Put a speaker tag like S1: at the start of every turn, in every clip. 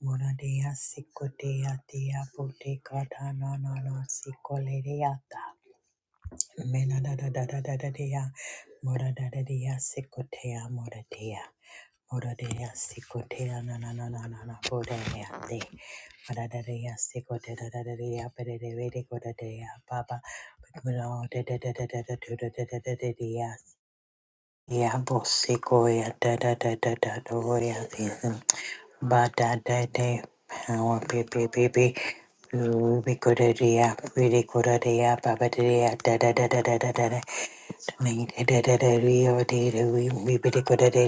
S1: Morodea sikotea tea pote kata na na na sikolereata. Mela da da da da da da dea, mora da da dea, sicotea, mora dea, mora dea, sicotea, na na na na na na, bodea, de, mora da dea, sicotea, da da da dea, bede de vede, goda dea, baba, mora da da da da da da da da da da da dea, ya bosicoia, da da da da da da, roya, season, ba da da de, power, baby, baby, Ooh, we go to the app, really go to the app, ba ba da da da da da da da da. Me de de de de rio de de we be be be be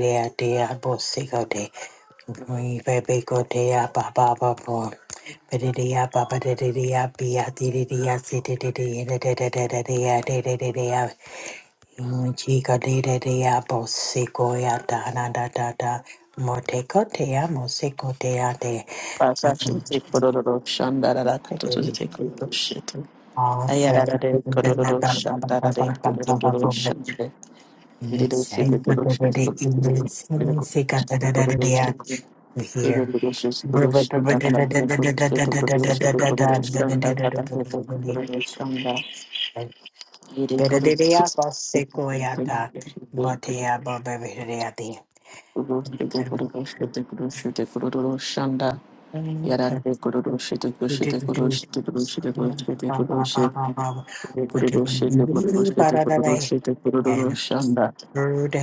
S1: be go go go go de me be be go de a ba ba ba bo be de de a ba ba de de de a be a de de de a si de de de de de de de de de a de de de de a me chi go de de de a bo si go ya da na da da da na
S2: Pasashi te kororo shandara da kototo te kororo shete. Ayara
S1: Awesome.
S2: da de kororo shandara de kororo shande.
S1: We're
S2: Yirido
S1: here.
S2: shete kororo shete kororo shete kororo shete kororo shete.
S1: And
S2: Yirido shete
S1: bird,
S2: kororo
S1: ba
S2: shandara da kororo shete kororo shete kororo shandara da kototo kororo shanda. Yiri kororo shete kororo shete kororo shete kororo shete kororo shanda. Yarare kororo shete kororo shete kororo shete kororo shete kororo shete kororo shete. Reproducete, reproducete, reproducete, reproducanda.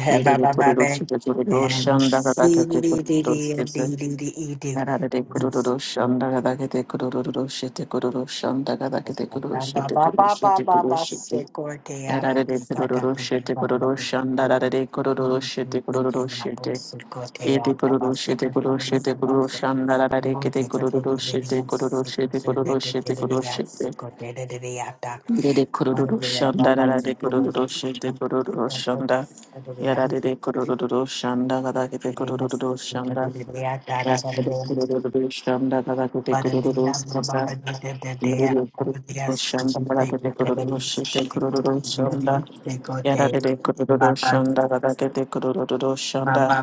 S2: Ire
S1: ba ba ba,
S2: reproducete,
S1: and
S2: reproducanda,
S1: see,
S2: gadakete,
S1: dee dee dee
S2: reproducete.
S1: dee dee dee
S2: Ararere,
S1: Ba
S2: reproducanda, gadakete, reproducete, reproducanda, gadakete,
S1: ba
S2: reproducete,
S1: ba ba
S2: reproducete,
S1: ba ba
S2: reproducete.
S1: secure que amo
S2: Ararere,
S1: que cada porque
S2: reproducete,
S1: cada porque
S2: reproducanda,
S1: cada
S2: ararere,
S1: no que
S2: reproducete,
S1: porque na voz
S2: reproducete.
S1: secure que
S2: Ede,
S1: amo ba
S2: reproducete,
S1: secure que veni
S2: reproducete,
S1: ba
S2: reproducanda, ararere, reproducete, reproducete, reproducete, reproducete.
S1: na
S2: Yere de kururu shanda rara de kururu shende kururu shanda. Yara de de kururu shanda kada kete
S1: Thank
S2: kururu shanda. Yara de
S1: you.
S2: kururu shanda kada kete
S1: And
S2: kururu shanda. Yere de kururu shanda kada kete kururu shete kururu shanda. Yara de de kururu shanda kada kete kururu shanda.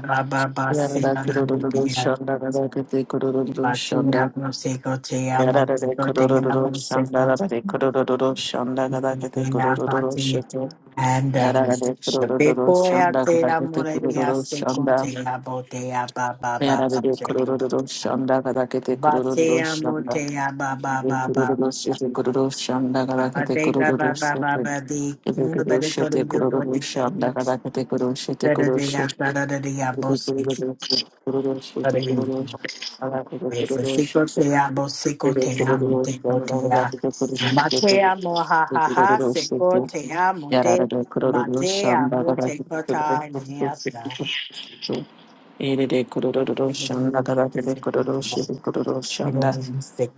S2: Yara de kururu shanda kada kete kururu shanda. Yara de kururu shanda kada kete kururu shanda kada kete kururu shete.
S1: um,
S2: Yararade
S1: Shape
S2: kurururu
S1: boy, baba
S2: shanda
S1: say, I'm
S2: kadakete
S1: gonna be a
S2: kurururu
S1: second
S2: shanda.
S1: thing about the ba ba ba ba
S2: Yararade
S1: second.
S2: kurururu shanda kadakete
S1: But say,
S2: kurururu
S1: I'm gonna
S2: shanda.
S1: ba ba ba ba
S2: Kurururu shete kururu shanda
S1: Baba
S2: kadakete
S1: Dega
S2: kurururu
S1: Baba
S2: shete.
S1: Baba De Baba
S2: Kururu
S1: De
S2: shete
S1: Kodo Yogo De
S2: kururu shanda
S1: Kings
S2: kadakete kururu shete
S1: Bada
S2: kururu
S1: De
S2: shete.
S1: Yasada De De Yabosi
S2: Kururu shete kururu shete
S1: Bada Yogo
S2: kururu shete. Kadakete kururu
S1: Siko
S2: shete.
S1: Te Amo Siko Te Amo
S2: Kururu
S1: Te Ko
S2: shanda
S1: Te A
S2: kadakete kururu
S1: Mate Amo Ha
S2: shete.
S1: Ha Ha
S2: Kururu shete.
S1: Siko Te Amo De
S2: Yararade kururu
S1: Mate
S2: shanda
S1: Amo Te
S2: kadakete
S1: Ko
S2: kururu
S1: Ta Ne Yasa
S2: shete. Ere de
S1: Siko Te
S2: kururu shanda
S1: Amo
S2: kara de
S1: Siko
S2: kururu
S1: Te
S2: shiri kururu shanda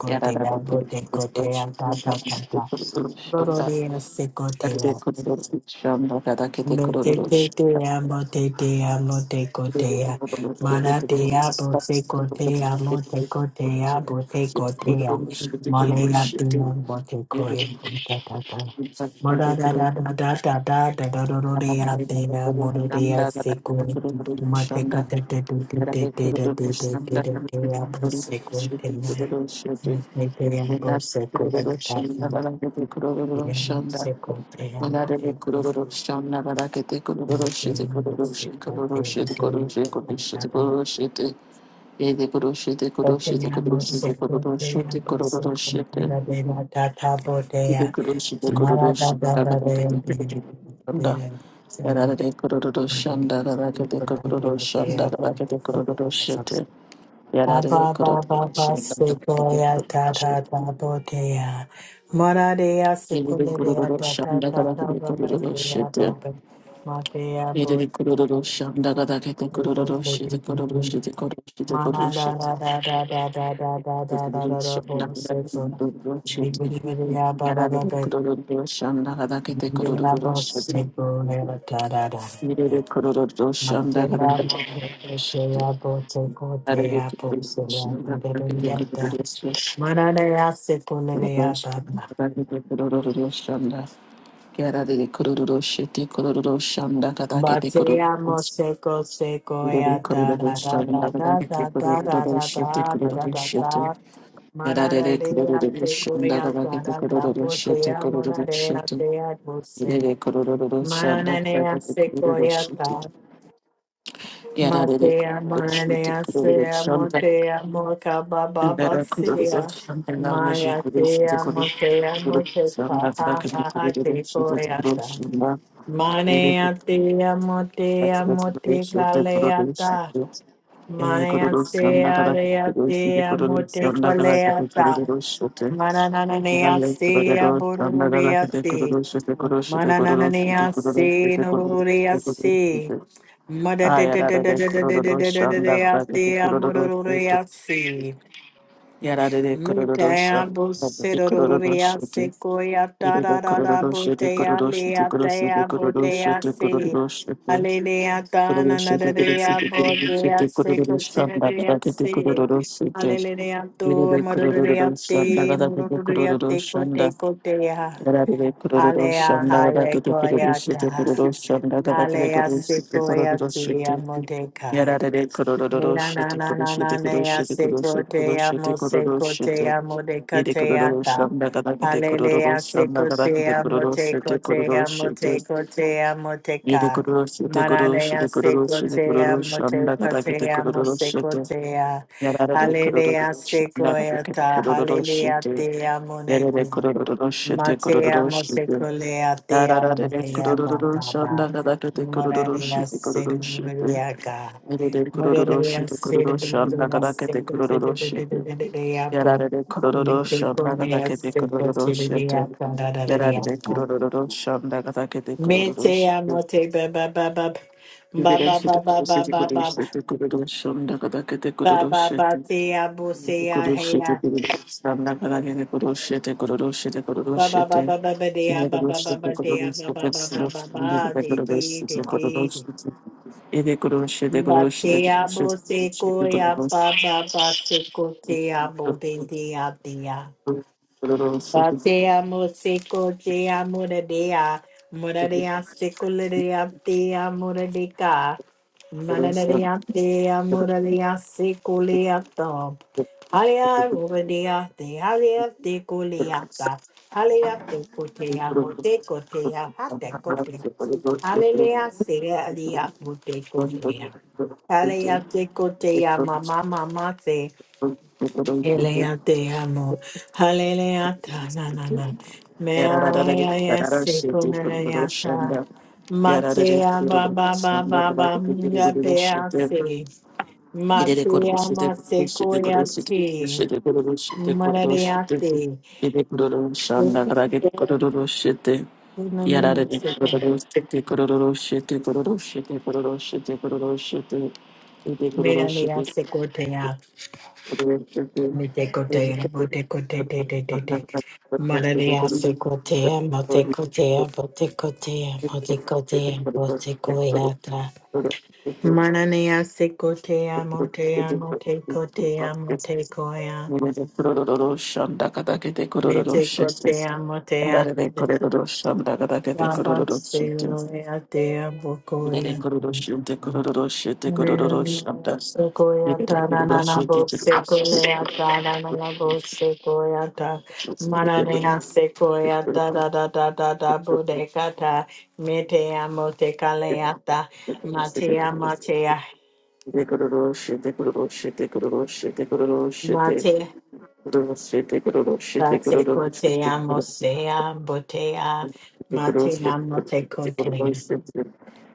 S2: yara de
S1: Amo Te Ko
S2: kururu
S1: Te Amo Ta
S2: shanda
S1: Ta Ta
S2: de
S1: Ta
S2: kururu
S1: Dororo
S2: shanda
S1: De Te
S2: yara de kururu shanda kara de
S1: No te
S2: kururu
S1: te
S2: shanda
S1: te amo, te te amo, te
S2: yara de
S1: cotea.
S2: kururu de
S1: Mara
S2: kururu
S1: te amo,
S2: shanda
S1: se cotea, amo, te
S2: de
S1: cotea, amo,
S2: kururu
S1: te
S2: shiri
S1: cotea.
S2: kururu shi de kururu
S1: Molea
S2: shi
S1: te
S2: de
S1: amo, te
S2: yara de
S1: coem, ta ta ta.
S2: kururu de
S1: Mara da da
S2: kururu
S1: da da da da da da da da da te amo, te da
S2: shanda de kururu shanda kara de kururu shanda yara de kururu shanda kara de
S1: se coe.
S2: kururu
S1: Mate ka te te te te te te da te te te da te amo, se coe
S2: shiri
S1: te amo
S2: kururu shiri
S1: Te te
S2: Ela
S1: amo, se coe,
S2: kururu
S1: ta ta.
S2: shanda bala kete
S1: Te
S2: kururu
S1: amo,
S2: shanda.
S1: se coe, te amo,
S2: Manare be
S1: te coe.
S2: kururu shanda bala kete kururu
S1: Thank
S2: shete kururu shete kururu shete kururu shete kururu shete kururu shete. Ede kururu shete kururu shete kururu shete kururu shete kururu shete. Ede kururu shete kururu shanda bala kete kururu shanda. Yarare kururu shanda bala kete kururu shanda bala kete kururu
S1: you.
S2: shete.
S1: Ba
S2: Yarare
S1: ba ba
S2: kururu
S1: ba
S2: shanda
S1: se
S2: bala kete
S1: boya
S2: kururu
S1: da
S2: shete.
S1: da da bo deya. Mara deya se
S2: Yeri
S1: kule
S2: gurururu
S1: da da
S2: şamda
S1: da
S2: kadar
S1: da
S2: kete
S1: ba ba
S2: gurururu
S1: deya
S2: şete.
S1: ba ba. Ma deya bo
S2: Yeri
S1: deya
S2: gurururu
S1: bo
S2: şamda
S1: deya
S2: kadar
S1: bo
S2: kete
S1: se bo
S2: gurururu
S1: se
S2: şete
S1: de de
S2: gurururu
S1: de.
S2: şete gurururu şete gurururu
S1: Mana da
S2: şete.
S1: da da da da da da da da da
S2: Gurururu
S1: da da
S2: şamda
S1: bo
S2: kadar
S1: se
S2: kete
S1: bo.
S2: gurururu
S1: Bi
S2: şete.
S1: bi di bi di ya ba ba
S2: Yararı
S1: ba ba.
S2: gurururu şamda kadar
S1: Bi
S2: kete
S1: bi di ya
S2: gurururu
S1: bo
S2: şete.
S1: se bo ya da da da.
S2: Yeri gurururu şamda kadar
S1: Mandela
S2: kete gurururu şete.
S1: Motoya Bote
S2: Yararı
S1: Kotea
S2: gurururu
S1: Popsia
S2: şamda
S1: and
S2: kadar kete
S1: Dedorienta
S2: gurururu şete.
S1: Mananea
S2: Gurururu
S1: Seculia Baba
S2: şamda kadar kete gurururu şamda. Yararı gurururu şete gurururu şamda kadar kete
S1: Batea
S2: gurururu şete.
S1: Moseco
S2: Shanda
S1: Sequoia da da da da da da da da da da da da da da Manadea Sequoia da da da Botea Monadea Tea Bose Mananea Sequoia Matea Marea Sea Motea Moka Baba Basia Maya Tea Motea Moteka Ha Ha Ha Te Koyata Manea Tea Motea Moteka Leata
S2: Ele
S1: Manea
S2: kororosi anda
S1: Sea
S2: kada
S1: Lea
S2: kororosi de
S1: Tea
S2: kororosi
S1: Moteka
S2: anda kada kete
S1: Leata
S2: kororosi te.
S1: Manananea
S2: Ele
S1: Sea
S2: kororosi anda kada kete
S1: Bururia
S2: kororosi te kororosi te kororosi te
S1: Manananaya
S2: kororosi
S1: se
S2: te kororosi te
S1: Norurea
S2: kororosi
S1: se
S2: te.
S1: Mada
S2: Ah,
S1: de de
S2: yara
S1: de de
S2: de
S1: de de de de de
S2: kororosi
S1: de de
S2: anda
S1: de
S2: kada kete
S1: ate
S2: kororosi te.
S1: amururea se
S2: Yara de kororosi
S1: Mitea
S2: anda kete
S1: buserorea
S2: kororosi te.
S1: se koya
S2: Ele de
S1: tararara
S2: kororosi te
S1: botea
S2: kororosi te
S1: lea
S2: kororosi te
S1: tea
S2: kororosi
S1: botea
S2: te
S1: se
S2: kororosi te.
S1: Alelea tana
S2: Kororosi te kororosi
S1: nadarea
S2: te kororosi te
S1: botea se
S2: kororosi anda
S1: koterea
S2: kada kete
S1: se
S2: kororosi te.
S1: Alelea to
S2: Yerere kurururu
S1: mururea
S2: şanda
S1: te
S2: gada kutu
S1: mururea
S2: kurururu
S1: te kote
S2: şanda.
S1: kotea
S2: Yerere kurururu
S1: Alea
S2: şanda gada
S1: haya
S2: kutu kurururu şete
S1: koyata.
S2: kurururu şanda gada kutu
S1: Alea
S2: kurururu şete
S1: sequoia
S2: kurururu şete.
S1: tia modeka.
S2: Yerere kurururu
S1: Nena na
S2: şete
S1: na
S2: kurururu
S1: na
S2: şete
S1: na
S2: kurururu
S1: nea
S2: şete
S1: se
S2: kurururu şete
S1: te
S2: kurururu şete
S1: amo se
S2: kurururu
S1: te
S2: şete.
S1: amo de
S2: Yere
S1: te
S2: kurururu
S1: ata.
S2: şanda gada kutu kurururu
S1: Hallelujah se
S2: şanda gada
S1: te
S2: kutu
S1: amo
S2: kurururu
S1: te
S2: şete
S1: te
S2: kurururu
S1: amo te
S2: şete.
S1: te amo te
S2: Yere
S1: ka.
S2: kurururu şete kurururu şete
S1: Maranea se
S2: kurururu şete
S1: te
S2: kurururu
S1: amo te
S2: şanda gada
S1: te
S2: kutu
S1: amo
S2: kurururu
S1: se
S2: şete.
S1: te a.
S2: Yarara de
S1: Hallelujah
S2: kurururu
S1: se
S2: şanda gada kutu
S1: ata.
S2: kurururu
S1: Hallelujah
S2: şete.
S1: te amo de
S2: Erere
S1: ti.
S2: kururu shite
S1: Mate
S2: kururu
S1: amo te
S2: shite.
S1: colea te amo
S2: Ararare
S1: te amo
S2: kururu
S1: baba.
S2: shanda kadakete kururu
S1: Moraria
S2: shite
S1: se
S2: kururu shite.
S1: rubriaca.
S2: Erere
S1: Mete
S2: kururu shite kururu shanda kadakete kururu shite. Yararare kururu shanda kadakete kururu shite. Yararare kururu shanda kadakete kururu shite.
S1: amote ba ba ba ba
S2: Ibire
S1: ba
S2: shite
S1: ba ba
S2: kururu
S1: ba ba ba ba
S2: shite kururu
S1: ba
S2: shite kururu shanda kadakete
S1: ba
S2: kururu
S1: ba ba
S2: shite.
S1: te abo se a
S2: Kururu
S1: he
S2: shite
S1: a
S2: kururu shanda kadakete kururu shite kururu shite kururu
S1: ba ba
S2: shite.
S1: ba ba ba ba de a
S2: Era
S1: ba ba ba ba de a ba ba ba ba ba ba de de de de de ba te abo se ko ya ba ba ba se ko te abo de de a Batea Moseko Jea Muradea Muradea Sekuladea Dea Muradeka Manadea te amo de Dea Muradea Sekuleato Halia Muradea De Halia De Kuleata te De Kotea Moteko Tea Hatekote Hallelujah, Seria Dia Muteko Tea Halia De Kotea Mama Mama Elea te amo. Hallelujah. Na na na. Me alaya se con elea ta.
S2: Yarare
S1: Matea ba ba ba ba ba mga bea se. Matea ma se koya te. Mararia te. Una mina se con. Mira lea se cortea. Mananea secotea motea Mote
S2: Shit,
S1: cotea mote Mararia Sequoia, na na na, both sequoia, da na na na, both sequoia, da. Mananina sequoia, da da da da da da, bodecata. Metea motecaleata, matea matea, mate. Batecotea mosea, botea, matea motecotea.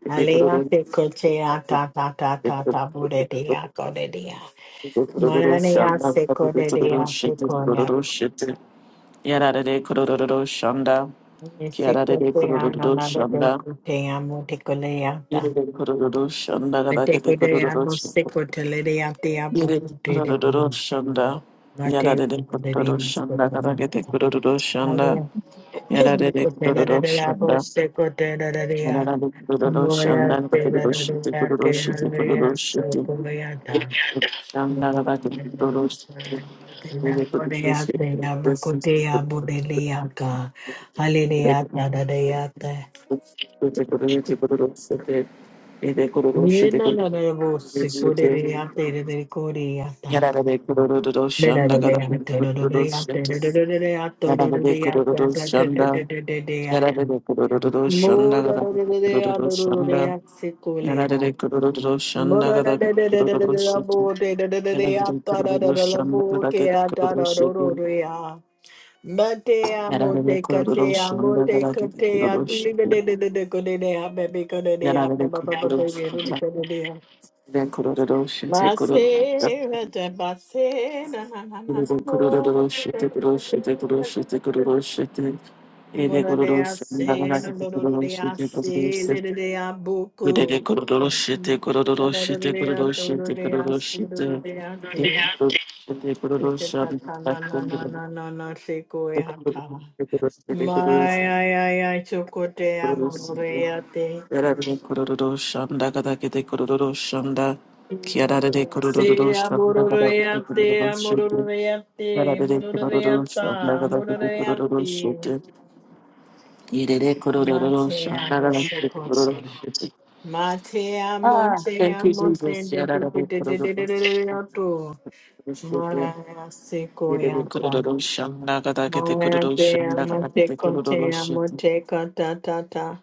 S1: Alea tecotea, ta ta ta ta ta, bodea, codedia. Manania secodedia,
S2: Yarare kororo shanda, kiarare
S1: Secotea
S2: kororo
S1: nanada
S2: shanda,
S1: delcutea
S2: yere
S1: montecoleata.
S2: kororo shanda gadakete
S1: Metecotea
S2: kororo shanda, yere kororo shanda, yarare kororo shanda gadakete kororo shanda, yarare kororo shanda, yarare kororo shanda gadakete kororo shanda, Shanda
S1: No, Hallelujah. Mora Mate amo te cate amo te cate aduli bede de de ate de de de ate de de de de ate de de de ate de de de de de de de ate. Mo de de de de de ate de de ate kore ha. Mo de de de de de de de de la bo de de de de de ate de de de la bo ke ate de de de de ha. Mate amo
S2: Yarare
S1: te
S2: kororo
S1: kate amo
S2: shanda
S1: te
S2: garage
S1: kate
S2: kororo
S1: aduli de
S2: shite.
S1: de de de de kore de ha baby kore de ha ba
S2: Yarare
S1: ba ba ba ba
S2: kororo
S1: ba de de
S2: shite.
S1: de de ha.
S2: Yarare kororo shite kororo.
S1: Masera da basena na na na
S2: Yarare
S1: na bora
S2: kororo shite kororo shite kororo shite kororo shite. Yarare
S1: mora de
S2: kororo shanda garage
S1: asena loro
S2: kororo
S1: de
S2: shite kororo
S1: asele de
S2: shite.
S1: de
S2: Yarare
S1: abuco
S2: kororo shite
S1: mora
S2: kororo
S1: loro
S2: shite
S1: de
S2: kororo
S1: loro
S2: shite
S1: de
S2: kororo
S1: asele loro
S2: shite.
S1: de ate
S2: Yarare shite kororo
S1: Eke
S2: shanda
S1: kata na
S2: garage kororo shite kororo
S1: na
S2: shite
S1: na na na na seko e hata.
S2: kororo shite
S1: Mai ai ai ai chokote
S2: kororo shite.
S1: amore ate.
S2: Yarare kororo shanda gada gede kororo shanda kiarare de
S1: Se
S2: kororo shanda gada gede
S1: amororeante,
S2: kororo shete
S1: amororeante,
S2: yarare de kororo
S1: amororeanta,
S2: shanda gada gede kororo
S1: amororeante.
S2: shete yerere kororo
S1: Mate
S2: shanda
S1: amo
S2: gada
S1: se
S2: gede kororo
S1: cote.
S2: shete
S1: Mate amo,
S2: Ah,
S1: te
S2: thank you,
S1: amo, te
S2: Jesus.
S1: de de
S2: Yarare
S1: de
S2: de
S1: de de de de de
S2: kororo
S1: de
S2: shanda
S1: de tu.
S2: shete
S1: Mara se
S2: yerere
S1: coyanta.
S2: kororo shanda gada gede
S1: Mara
S2: kororo
S1: te
S2: shanda
S1: amo,
S2: gada
S1: te
S2: gede kororo
S1: cote amo,
S2: shete
S1: te cota ta ta.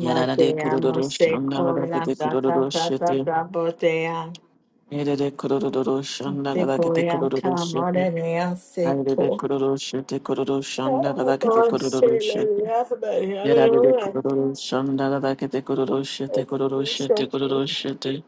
S2: yarare de
S1: amo
S2: kororo
S1: se
S2: shanda gada gede
S1: coyanta ta ta
S2: kororo
S1: ta ta
S2: shete
S1: ta botea.
S2: Nerede kururu şanda
S1: Se
S2: kadar kete
S1: goya
S2: kururu şete.
S1: kamare rea se
S2: Ayrede
S1: to.
S2: kururu şete kururu şanda kadar kete
S1: Oh, my
S2: kururu
S1: shit, lady,
S2: şete.
S1: that's about it. le rea bari
S2: Yerade de
S1: arora.
S2: kururu şanda kadar kete kururu şete kururu şete kururu şete.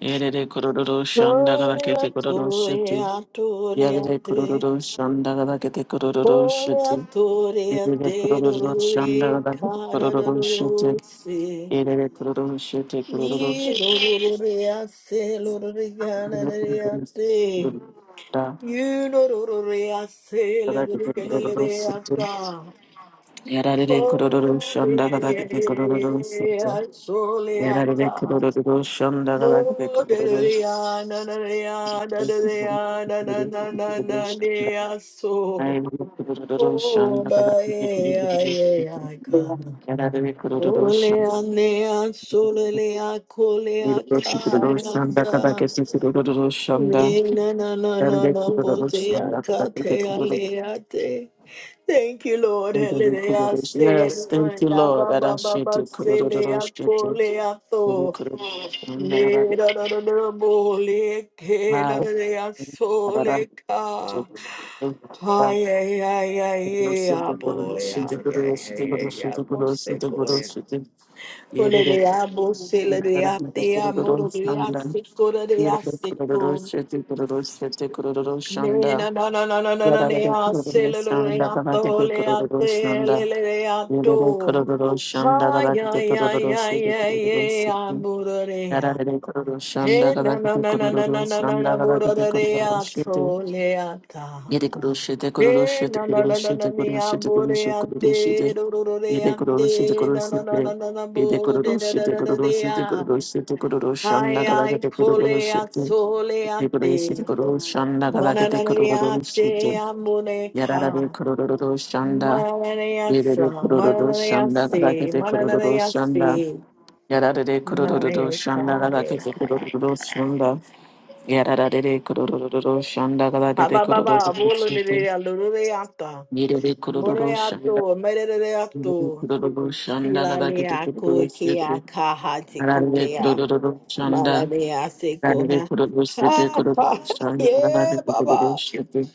S2: Yerede kururu şanda kadar kete
S1: Orea
S2: kururu şete.
S1: torea torea
S2: Yerede
S1: te.
S2: kururu şanda kadar kete kururu şete.
S1: Orea torea
S2: Yerede
S1: te
S2: kururu şanda
S1: dorore
S2: kadar kete
S1: kara
S2: kururu şete.
S1: dorore se.
S2: Yerede kururu şete kururu
S1: Ye
S2: şete.
S1: dororea se lorore gana
S2: Yerede
S1: rea
S2: kururu
S1: te.
S2: şanda
S1: You dororea se
S2: kadar
S1: lorore
S2: kete
S1: gana
S2: kururu şete.
S1: rea
S2: Yarare kororo
S1: Oh,
S2: shonda gada gade kororo soto.
S1: yeah, surely I
S2: Yarare
S1: die.
S2: kororo shonda gada gade
S1: Oh, da
S2: kororo
S1: da
S2: soto.
S1: da
S2: I am kororo
S1: Oh,
S2: shonda gada
S1: ba,
S2: gade
S1: yeah,
S2: kororo
S1: yeah, yeah,
S2: soto.
S1: I come.
S2: Yarare
S1: Oh,
S2: kororo
S1: lea,
S2: shonda.
S1: lea, surely lea, coolly I
S2: kororo
S1: I
S2: shonda gada
S1: die.
S2: gade kororo shonda.
S1: Me,
S2: Yarare
S1: na-na-na-na-na, bo,
S2: kororo
S1: I
S2: shonda gada
S1: cut,
S2: gade
S1: te, I
S2: kororo. Yarare kororo
S1: Thank you, Lord. Hallelujah.
S2: Yes, thank you,
S1: Hallelujah.
S2: Lord.
S1: Ba, ba, ba, ba,
S2: Adashete kororo
S1: Hallelujah.
S2: shete.
S1: Hallelujah.
S2: Yarare
S1: So,
S2: kororo shonda gada
S1: me, da, da, da, da, bo, le, ke, da, da, da, ya, so,
S2: Yarare
S1: le, ka. Ay, ay, ay, ay, ya bo, ya, ya, ya, ya, ya, bo, se, ko, ya. Hallelujah. Bo, se, le, de, ya, te, ya, mo, do, de, ya, se, ko, da, de, ya, se, ko. Nena, no, no, no, no, no, no, nea, sele, lo, lo, nea, to, lea, te, le, le, lea, to. Ay, ay, ay, ay, ay, ay, amurorea.
S2: kururu shanda
S1: Eh,
S2: gada
S1: no, no,
S2: kiti
S1: no, no, no,
S2: kururu
S1: no, no, no,
S2: shanda
S1: no,
S2: gada kiti kururu
S1: burorea,
S2: shiti
S1: to, lea, ta.
S2: Yede kuroshite
S1: Eh,
S2: kuroshite
S1: no, no, no, no,
S2: kuroshite
S1: no, nea,
S2: kuroshite kuroshite
S1: burea,
S2: kuroshite
S1: te, ro, ro, ro,
S2: yede
S1: rea,
S2: kuroshite
S1: te, no, no, no, no,
S2: kuroshite
S1: no, no,
S2: yede
S1: bu, de, de, de,
S2: kuroshite
S1: de, de,
S2: kuroshite
S1: dea.
S2: kuroshite kuroshanna
S1: Ay, ay,
S2: kadakete
S1: colea,
S2: kuroshite yede kuroshite
S1: solea,
S2: kuroshanna kadakete
S1: Mananayate
S2: kuroshite yararare
S1: Amuleka.
S2: kuroroshanna
S1: Mananayasa.
S2: yede kuroroshanna
S1: Mananayasi.
S2: kadakete kuroroshanna
S1: Mananayasi.
S2: yararare kuroroshanna
S1: Manayaka.
S2: kadakete
S1: Yaka.
S2: kuroroshanna yararare kuroroshanna kadakete
S1: Ababa. Bulu de
S2: kuroroshanna
S1: Luludeata.
S2: Mirebe kororo shanda,
S1: Mureato.
S2: mirebe
S1: Medeato.
S2: kororo shanda, kabakete
S1: Silalia
S2: kororo sete,
S1: kukia kaha
S2: ararebe
S1: tikutea.
S2: kororo shanda,
S1: Mananayasi
S2: ararebe
S1: koha.
S2: kororo sete,
S1: Ha ha.
S2: kororo shanda,
S1: Yeah,
S2: kabakete kororo
S1: Baba.
S2: sete,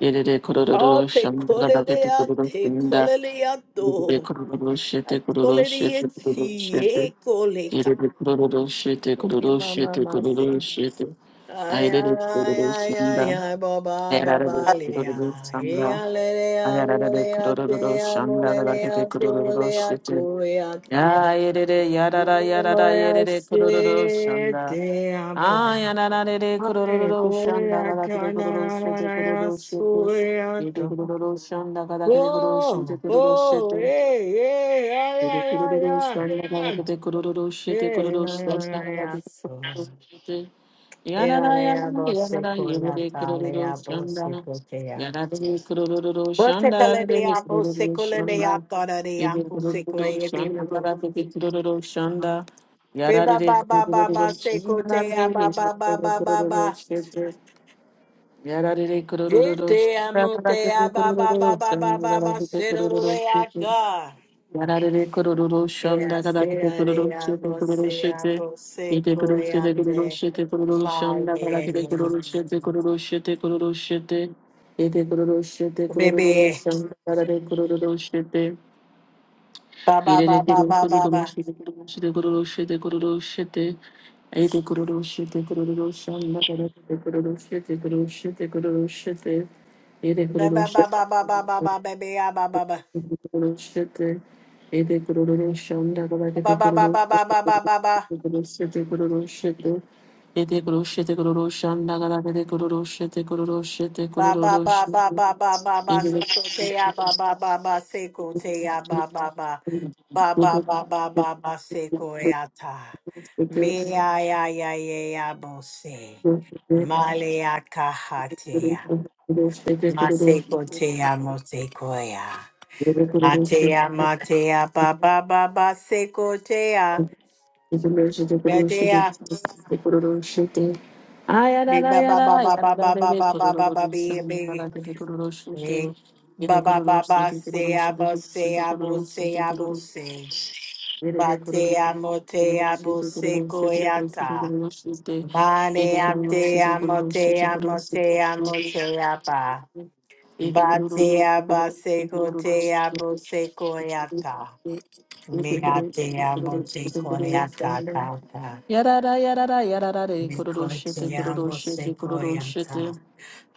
S2: yerere
S1: Oh,
S2: kororo
S1: te
S2: shanda, kabakete kororo
S1: koleleate.
S2: shanda,
S1: Koleleato.
S2: mirebe kororo sete, kororo sete, kororo sete,
S1: Koleriensi, Koleka.
S2: yerere kororo sete,
S1: Eh,
S2: kororo
S1: mama,
S2: sete,
S1: mama,
S2: kororo
S1: say.
S2: sete,
S1: Ay,
S2: ayerere
S1: ay,
S2: kororo
S1: ay,
S2: shanda,
S1: ay, ay, baba,
S2: ayararebe
S1: baba, lea.
S2: kororo
S1: E
S2: shanda,
S1: alelea,
S2: ayararebe
S1: ulea,
S2: kororo
S1: tea,
S2: shanda, kabakete
S1: molelea,
S2: kororo
S1: tolea,
S2: sete,
S1: coeata.
S2: Ya yedede yadada
S1: E
S2: yadada
S1: moea,
S2: yedede kurururu
S1: se,
S2: shanda.
S1: tea, po.
S2: Ah yanana dede
S1: Ai,
S2: kurururu shanda gada kede
S1: coeata, na,
S2: kururu
S1: na, na,
S2: shete
S1: na, ya,
S2: kururu shete. Yede
S1: sueata.
S2: kururu shanda gada kede kururu shete
S1: Oh,
S2: kururu
S1: oh,
S2: shete.
S1: eh, eh, ay,
S2: Yede
S1: ay,
S2: kururu
S1: ay,
S2: shanda gada kede kururu shete
S1: Baby,
S2: kururu shete gada kede kururu shete. Yarara yarara yarara yerere kururu şanda. Yarara kururu şanda yarara kururu şanda. Yebe kururu şanda yarara kururu şanda. Yarara kururu şanda yarara kururu şanda. Yarara kururu şanda yarara kururu şanda yarara kururu şanda. Yararere kororo shonda kadakete kororo shete kororo shete. Ete kororo shete kororo shete kororo shonda kadakete kororo shete kororo shete kororo shete. Ete kororo shete kororo shonda kadakete kororo shete.
S1: Ba ba ba
S2: Yerere
S1: ba
S2: kororo
S1: ba ba ba.
S2: shete kororo shete kororo shete kororo shete kororo shete. Ete kororo shete kororo shonda kadakete kororo shete kororo shete kororo shete. Ete
S1: Ba
S2: kororo
S1: ba ba ba ba ba
S2: shete.
S1: ba ba baby ah ba
S2: Thank
S1: ba ba. Ba ba ba ba ba ba ba ba ba. Ba ba ba ba ba ba ba ba seko te ah ba ba ba ba seko te ah ba ba ba. Ba ba ba ba ba ba seko e ata. Me ya ya ya ya ya bo se. Male ya kaha ya. Ma seko te ya mo seko ya.
S2: you.
S1: Matea matea ba ba ba ba seko te
S2: Thank
S1: ya. Be ba ba ba ba ba ba ba ba ba ba ba be be be. ba ba ba ba say abo say abo say abo se. ba bate amo te abo se koyata bane ate amo te amo te amo te apa. ba bate aba se ko te abo se koyata me ate amo te koyata
S2: you.
S1: ta ta
S2: Yarara yarara yarara re
S1: me ko
S2: kururu
S1: te
S2: shete kururu
S1: amo se
S2: shete kururu
S1: koyata
S2: shete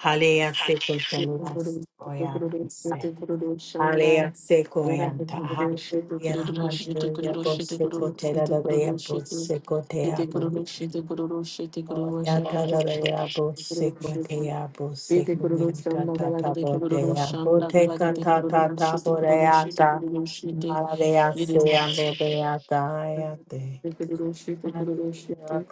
S1: Haleya seko telulas
S2: kururu shete
S1: koya
S2: kururu
S1: se.
S2: shete kururu shanda
S1: Haleya seko
S2: yarara
S1: yanta.
S2: kururu shete
S1: Hallelujah,
S2: kururu shete
S1: hallelujah.
S2: kururu
S1: Bo
S2: shete kururu
S1: seko tera da
S2: shete
S1: da ya
S2: kururu
S1: bo
S2: shete
S1: seko te
S2: shete
S1: ya bo.
S2: kururu shete kururu shete
S1: O
S2: kururu
S1: ya
S2: shete
S1: ta da da ya bo
S2: kururu
S1: seko te
S2: shete
S1: ya bo
S2: shete
S1: seko
S2: kururu
S1: yanta
S2: shanda
S1: ta ta
S2: galagite
S1: bo
S2: kururu
S1: ya bo
S2: shanda
S1: te
S2: galagite
S1: ta ta
S2: kururu
S1: ta
S2: shete
S1: bo
S2: kururu shete
S1: ta. Haleya se
S2: kururu
S1: ya
S2: shete
S1: bo ya ta ya te. Hallelujah.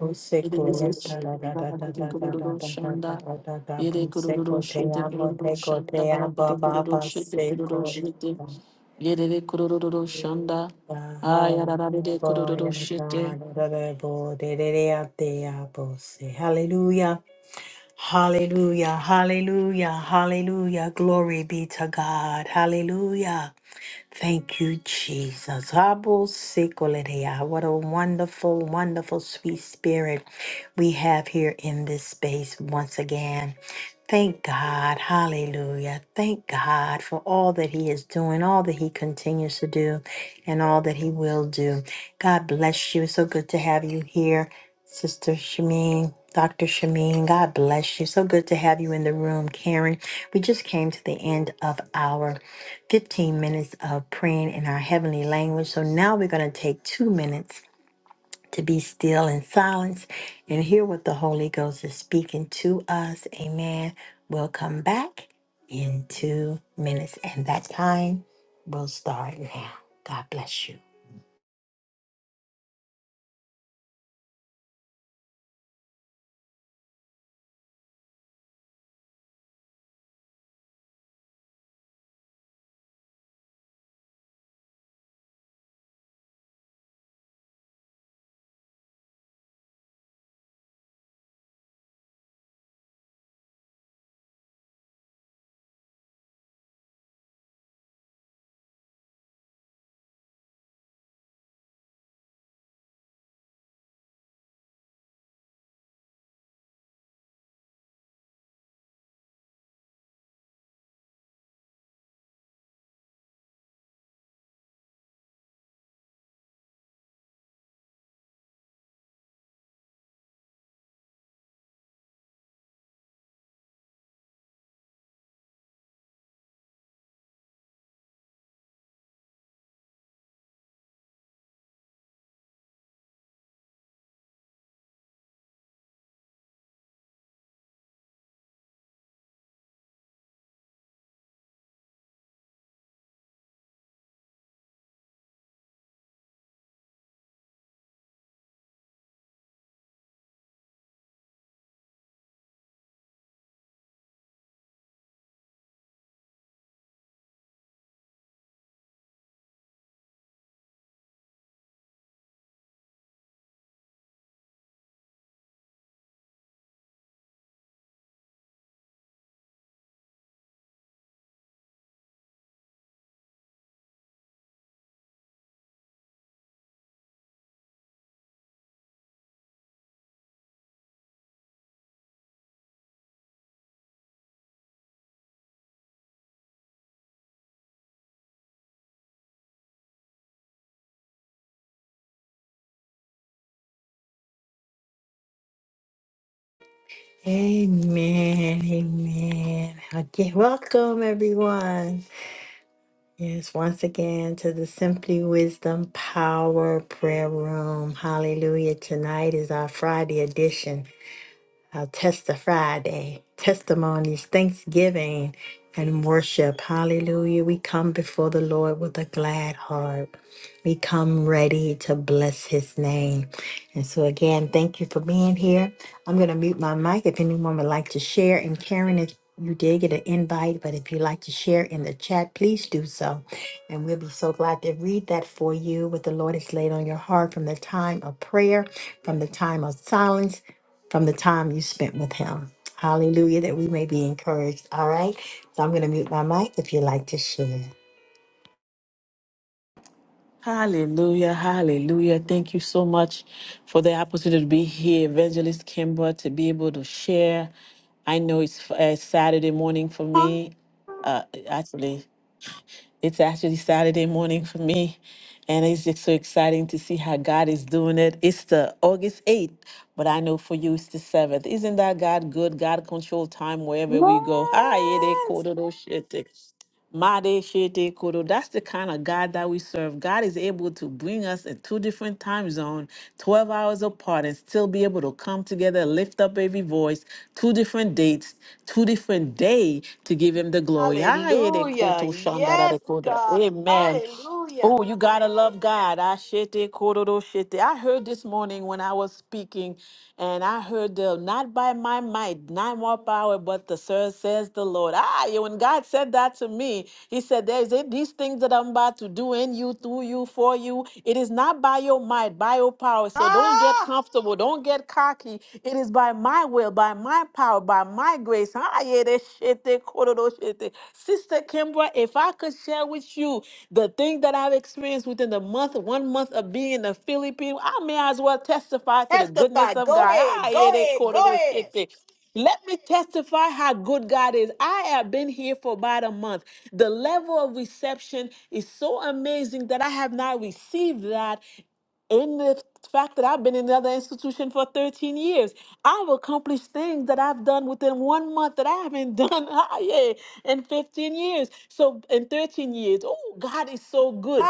S1: Hallelujah. Hallelujah. Hallelujah. Glory be to God. Hallelujah. Thank you, Jesus. Habo sikolerea. What a wonderful, wonderful, sweet spirit we have here in this space once again. Thank God. Hallelujah. Thank God for all that He is doing, all that He continues to do, and all that He will do. God bless you. So good to have you here, Sister Shameen. Dr. Shameen, God bless you. So good to have you in the room, Karen. We just came to the end of our 15 minutes of praying in our heavenly language. So now we're going to take two minutes to be still in silence and hear what the Holy Ghost is speaking to us. Amen. We'll come back in two minutes, and that time will start now. God bless you. Amen. Amen. Okay. Welcome, everyone. Yes, once again to the Simply Wisdom Power Prayer Room. Hallelujah. Tonight is our Friday edition. I'll test the Friday, testimonies, thanksgiving, and worship. Hallelujah. We come before the Lord with a glad heart. We come ready to bless his name. And so, again, thank you for being here. I'm going to mute my mic if anyone would like to share. And Karen, if you did get an invite, but if you'd like to share in the chat, please do so. And we'll be so glad to read that for you, what the Lord has laid on your heart from the time of prayer, from the time of silence from the time you spent with Him. Hallelujah, that we may be encouraged. All right. So I'm going to mute my mic if you'd like to share.
S2: Hallelujah, hallelujah. Thank you so much for the opportunity to be here, Evangelist Kimber, to be able to share. I know it's uh, Saturday morning for me, uh, actually. It's actually Saturday morning for me, and it's just so exciting to see how God is doing it. It's the August 8th, but I know for you it's the 7th. Isn't that God good? God control time wherever we go. Hi, it
S1: Yes.
S2: is Made Shete Kodo. That's the kind of God that we serve. God is able to bring us in two different time zones, 12 hours apart, and still be able to come together, lift up every voice, two different dates, two different day to give him the glory. Aye, de
S1: Hallelujah.
S2: koto shanda da de
S1: Yes,
S2: koda.
S1: God.
S2: Amen.
S1: Hallelujah.
S2: Oh, you gotta love God. I shete kororo shete. I heard this morning when I was speaking, and I heard the not by my might, not more power, but the sir says the Lord. Ah, yeah, when God said that to me, He said, There's it- these things that I'm about to do in you, through you, for you. It is not by your might, by your power. So so don't get
S1: Ah,
S2: comfortable. Don't get cocky. It is by my will, by my power, by my grace. Ah, yeah, that shit, that quarter, those shit, that- Sister Kimbra, if I could share with you the thing that I've experienced within the month, one month of being in the Philippines, I may as well testify to the
S1: testify.
S2: goodness of
S1: Go
S2: God. Ah,
S1: ahead.
S2: yeah,
S1: Go
S2: that
S1: ahead. Go
S2: quarter, those
S1: ahead.
S2: shit, that- let me testify how good God is. I have been here for about a month. The level of reception is so amazing that I have not received that in the fact that I've been in another institution for 13 years, I've accomplished things that I've done within one month that I haven't done ah, yeah, in 15 years. So in 13 years, oh, God is so good.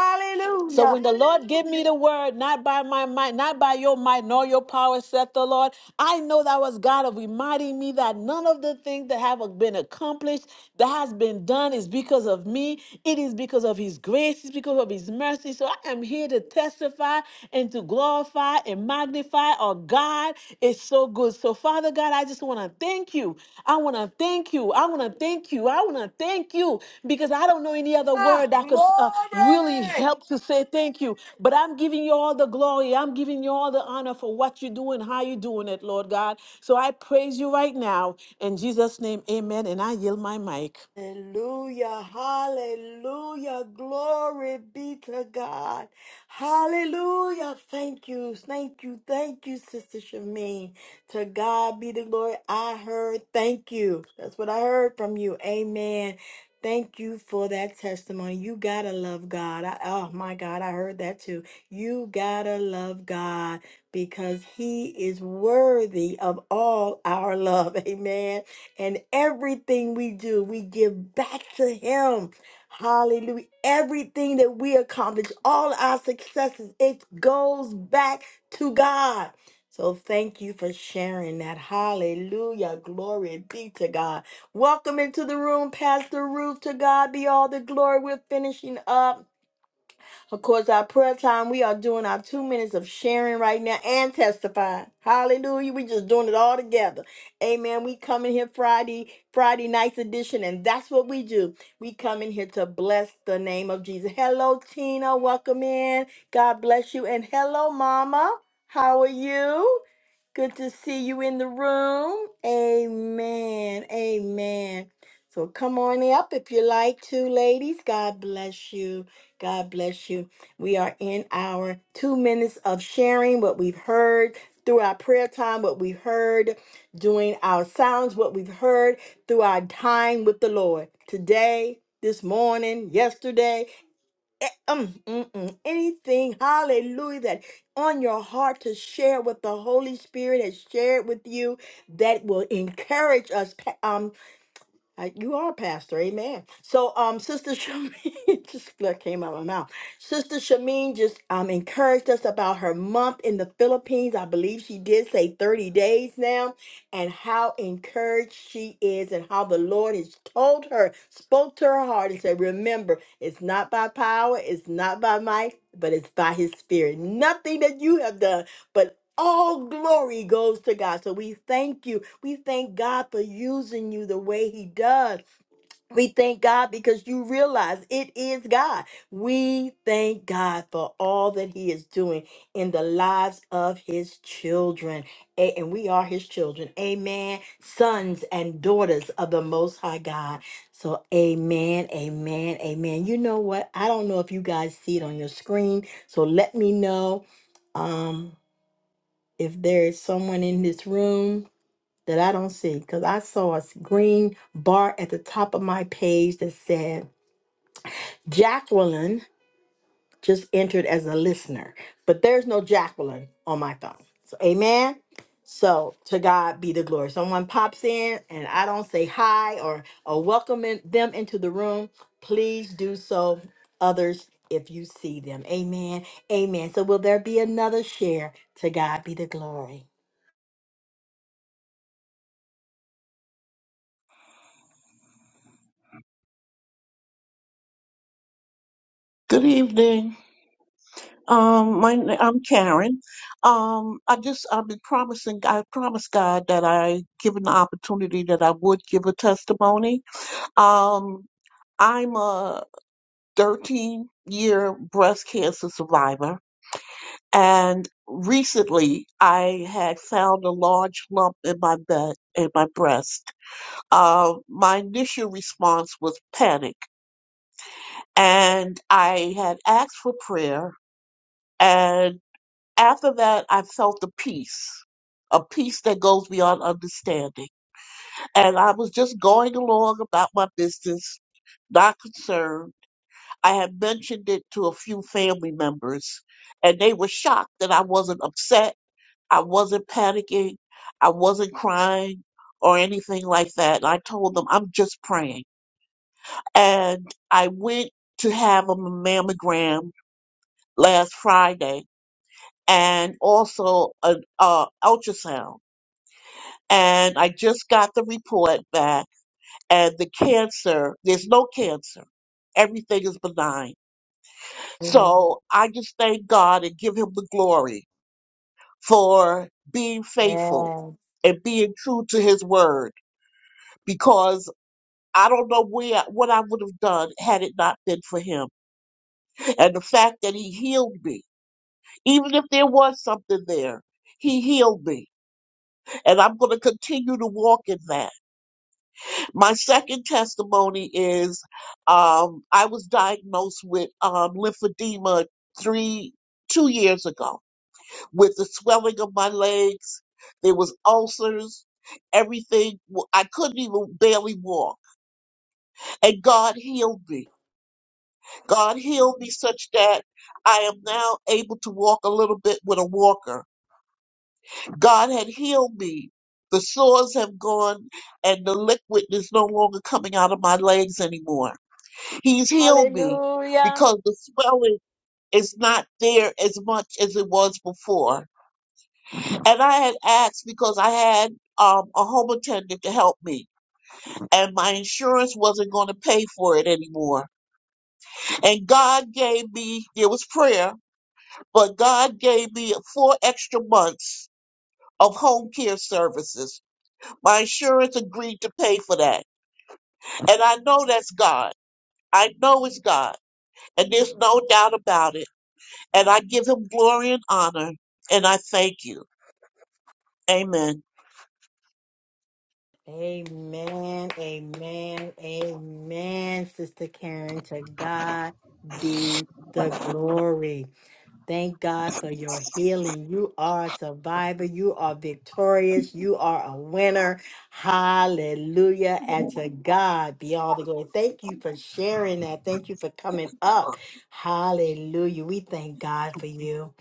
S2: So when the Lord give me the word, not by my might, not by your might, nor your power, saith the Lord, I know that was God of reminding me that none of the things that have been accomplished, that has been done, is because of me. It is because of His grace. It's because of His mercy. So I am here to testify and to glorify and magnify our God so good. So, Father God, I just want to thank you. I want to thank you. I want to thank you. I want to thank you because I don't know any other
S1: Ah,
S2: word that could uh, really
S1: glory.
S2: help to say thank you. But I'm giving you all the glory. I'm giving you all the honor for what you're doing, how you're doing it, Lord God. So I praise you right now. In Jesus' name, amen. And I yield my mic.
S1: Hallelujah, hallelujah, glory be to God. Hallelujah, thank you, thank you, thank you, Sister Shamin. To God be the glory. I heard, thank you. That's what I heard from you. Amen. Thank you for that testimony. You gotta love God. I, oh my God, I heard that too. You gotta love God because He is worthy of all our love. Amen. And everything we do, we give back to Him. Hallelujah. Everything that we accomplish, all our successes, it goes back to God. So thank you for sharing that. Hallelujah. Glory be to God. Welcome into the room, Pastor Ruth. To God be all the glory. We're finishing up. Of course, our prayer time, we are doing our two minutes of sharing right now and testifying. Hallelujah. We just doing it all together. Amen. We come in here Friday, Friday night's edition, and that's what we do. We come in here to bless the name of Jesus. Hello, Tina. Welcome in. God bless you. And hello, Mama. How are you? Good to see you in the room. Amen. Amen. So come on up if you like to, ladies. God bless you. God bless you. We are in our two minutes of sharing what we've heard through our prayer time, what we've heard doing our sounds, what we've heard through our time with the Lord today, this morning, yesterday, eh, um, mm, mm, anything, hallelujah, that on your heart to share what the Holy Spirit has shared with you that will encourage us, I, you are a pastor, amen. So, um, Sister Shamin it just that came out of my mouth. Sister Shamin just um encouraged us about her month in the Philippines. I believe she did say 30 days now, and how encouraged she is, and how the Lord has told her, spoke to her heart, and said, Remember, it's not by power, it's not by might, but it's by his spirit. Nothing that you have done. but." All glory goes to God. So we thank you. We thank God for using you the way He does. We thank God because you realize it is God. We thank God for all that He is doing in the lives of His children. A- And we are His children. Amen. Sons and daughters of the Most High God. So, amen, amen, amen. You know what? I don't know if you guys see it on your screen. So, let me know. Um, if there is someone in this room that I don't see, because I saw a s- green bar at the top of my page that said Jacqueline just entered as a listener, but there's no Jacqueline on my phone. So, amen. So, to God be the glory. Someone pops in and I don't say hi or, or welcome in- them into the room, please do so, others, if you see them. Amen. Amen. So, will there be another share? To God be the glory.
S3: Good evening. Um, my na- I'm Karen. Um, I just I've been promising. I promised God that I, given the opportunity, that I would give a testimony. Um, I'm a 13 year breast cancer survivor, and recently I had found a large lump in my bed in my breast. Uh, my initial response was panic, and I had asked for prayer. And after that, I felt a peace, a peace that goes beyond understanding. And I was just going along about my business, not concerned. I had mentioned it to a few family members, and they were shocked that I wasn't upset. I wasn't panicking. I wasn't crying or anything like that. And I told them, I'm just praying. And I went to have a mammogram last Friday and also an uh, ultrasound and I just got the report back, and the cancer, there's no cancer. Everything is benign. So I just thank God and give him the glory for being faithful
S1: Yes.
S3: and being true to his word because I don't know where what I would have done had it not been for him. And the fact that he healed me, even if there was something there, he healed me. And I'm going to continue to walk in that. My second testimony is um, I was diagnosed with um, lymphedema three two years ago with the swelling of my legs. There was ulcers, everything. w- I couldn't even barely walk, and God healed me. God healed me such that I am now able to walk a little bit with a walker. God had healed me. The sores have gone, and the liquid is no longer coming out of my legs anymore. He's healed me
S1: Hallelujah.
S3: because the swelling is not there as much as it was before. And I had asked because I had um, a home attendant to help me, and my insurance wasn't going to pay for it anymore. And God gave me, it was prayer, but God gave me four extra months of home care services. My insurance agreed to pay for that. And I know that's God. I know it's God. And there's no doubt about it And I give him glory and honor. And I thank you. Amen.
S1: Amen. Amen. Amen. Sister Karen, to God be the glory. Thank God for your healing. You are a survivor. You are victorious. You are a winner. Hallelujah. And to God be all the glory. Thank you for sharing that. Thank you for coming up. Hallelujah. We thank God for you.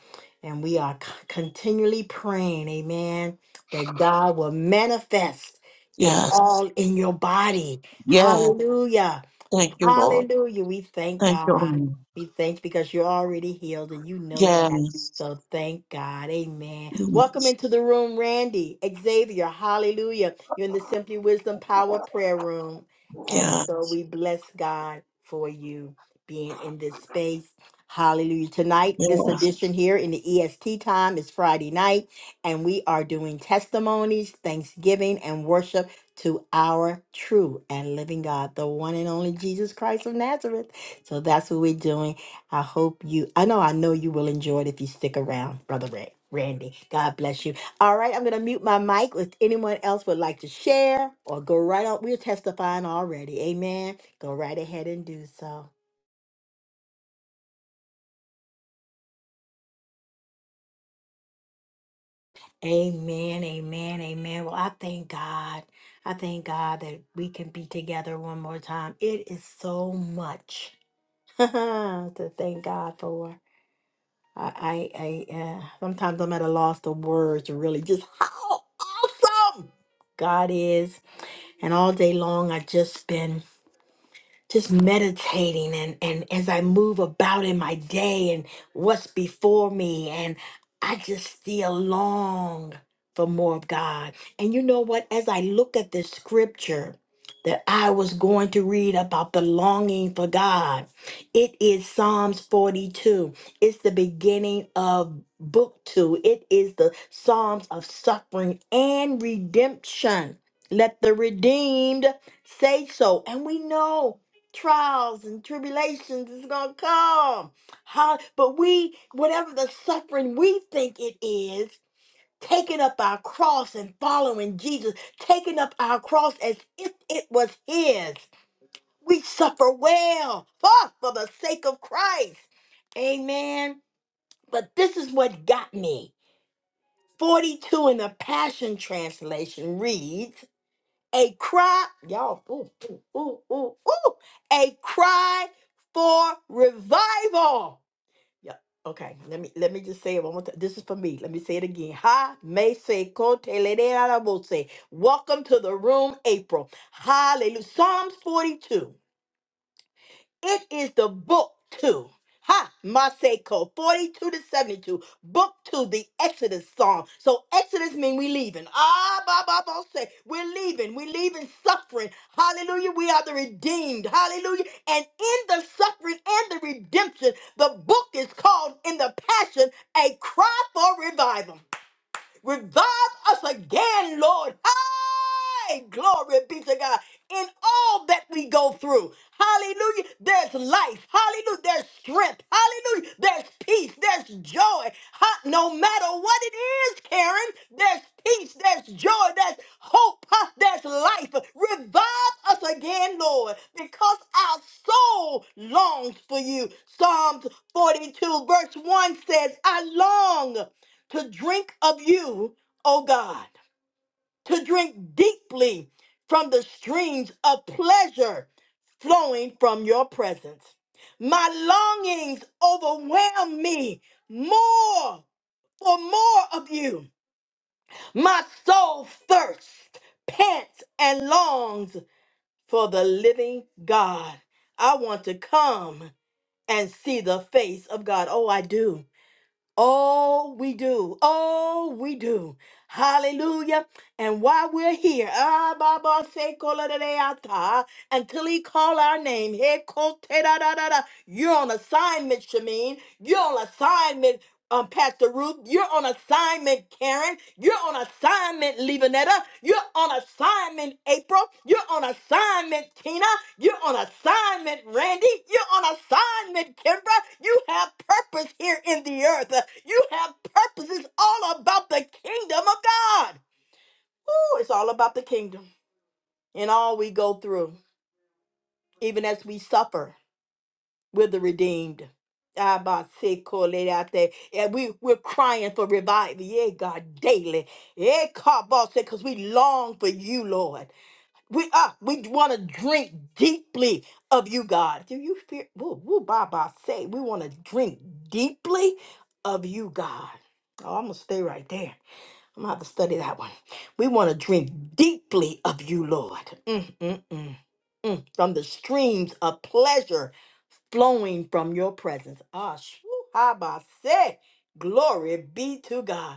S1: And we are c- continually praying, amen, that God will manifest it
S3: Yes.
S1: all in your body.
S3: Yes.
S1: Hallelujah.
S3: Thank you, Lord.
S1: Hallelujah. We thank
S3: Thank you,
S1: God.
S3: Lord.
S1: We thank because you're already healed and you know that.
S3: Yes.
S1: So thank God. Amen. Welcome into the room, Randy, Xavier. Hallelujah. You're in the Simply Wisdom Power Prayer Room. And
S3: yeah,
S1: so we bless God for you being in this space. Hallelujah. Tonight,
S3: yeah.
S1: this edition here in the EST time is Friday night, and we are doing testimonies, thanksgiving, and worship to our true and living God, the one and only Jesus Christ of Nazareth. So that's what we're doing. I hope you, I know, I know you will enjoy it if you stick around, Brother Ray, Randy. God bless you. All right, I'm going to mute my mic if anyone else would like to share or go right on. We're testifying already. Amen. Go right ahead and do so. Amen, amen, amen. Well, I thank God. I thank God that we can be together one more time. It is so much. to thank God for. I, I, I uh, sometimes I'm at a loss of words to really just how awesome God is, and all day long I just been just meditating and and as I move about in my day and what's before me and I just still long for more of God. And you know what as I look at the scripture that I was going to read about the longing for God. It is Psalms 42. It's the beginning of book 2. It is the Psalms of suffering and redemption. Let the redeemed say so. And we know trials and tribulations is going to come. How, but we, whatever the suffering we think it is, taking up our cross and following Jesus, taking up our cross as if it was His. We suffer well fuck, for the sake of Christ. Amen. But this is what got me. 42 in the Passion Translation reads a cry, y'all, ooh, ooh, ooh, ooh, ooh, a cry for revival. Yeah. Okay, let me let me just say it one more time. This is for me. Let me say it again. Ha me se kote le de la la bo se. Welcome to the room, April. Hallelujah. Psalms 42. It is the book two. Ha, Maseko, 42 to 72. Book two, the Exodus song. So Exodus means we leaving. Ah, ba, ba, ba, say, we're leaving. We're leaving suffering. Hallelujah. We are the redeemed. Hallelujah. And in the suffering and the redemption, the book is called in the passion, A Cry for Revival. Revive us again, Lord. Hey, glory be to God. In all that we go through, hallelujah, there's life, hallelujah, there's strength, hallelujah, there's peace, there's joy. Ha- no matter what it is, Karen, there's peace, there's joy, there's hope, huh? there's life. Revive us again, Lord, because our soul longs for you. Psalms 42, verse 1 says, I long to drink of you, O God, to drink deeply from the streams of pleasure flowing from your presence. My longings overwhelm me more for more of you. My soul thirsts, pants, and longs for the living God. I want to come and see the face of God. Oh, I do. Oh, we do. Oh, we do. Hallelujah. And while we're here, ah, Baba, say, kola de de ata, until he call our name, he ko te da da da da. you're on assignment, Shameen. You're on assignment um, Pastor Ruth. You're on assignment, Karen. You're on assignment, Levanetta. You're on assignment, April. You're on assignment, Tina. You're on assignment, Randy. You're on assignment, Kimbra. You have purpose here in the earth. You have purposes all about the kingdom of God. Ooh, it's all about the kingdom and all we go through, even as we suffer with the redeemed. Abba-se-ko-le-da-te. And we, we're crying for revival, yeah, God, daily. Because we long for you, Lord. We uh, we want to drink deeply of you, God. Do you fear? Woo, woo, Baba say, we want to drink deeply of you, God. Oh, I'm going to stay right there. I'm going to have to study that one. We want to drink deeply of you, Lord. Mm, mm, mm, mm. From the streams of pleasure flowing from your presence. Ah, shoo, ah, bah, say, Glory be to God.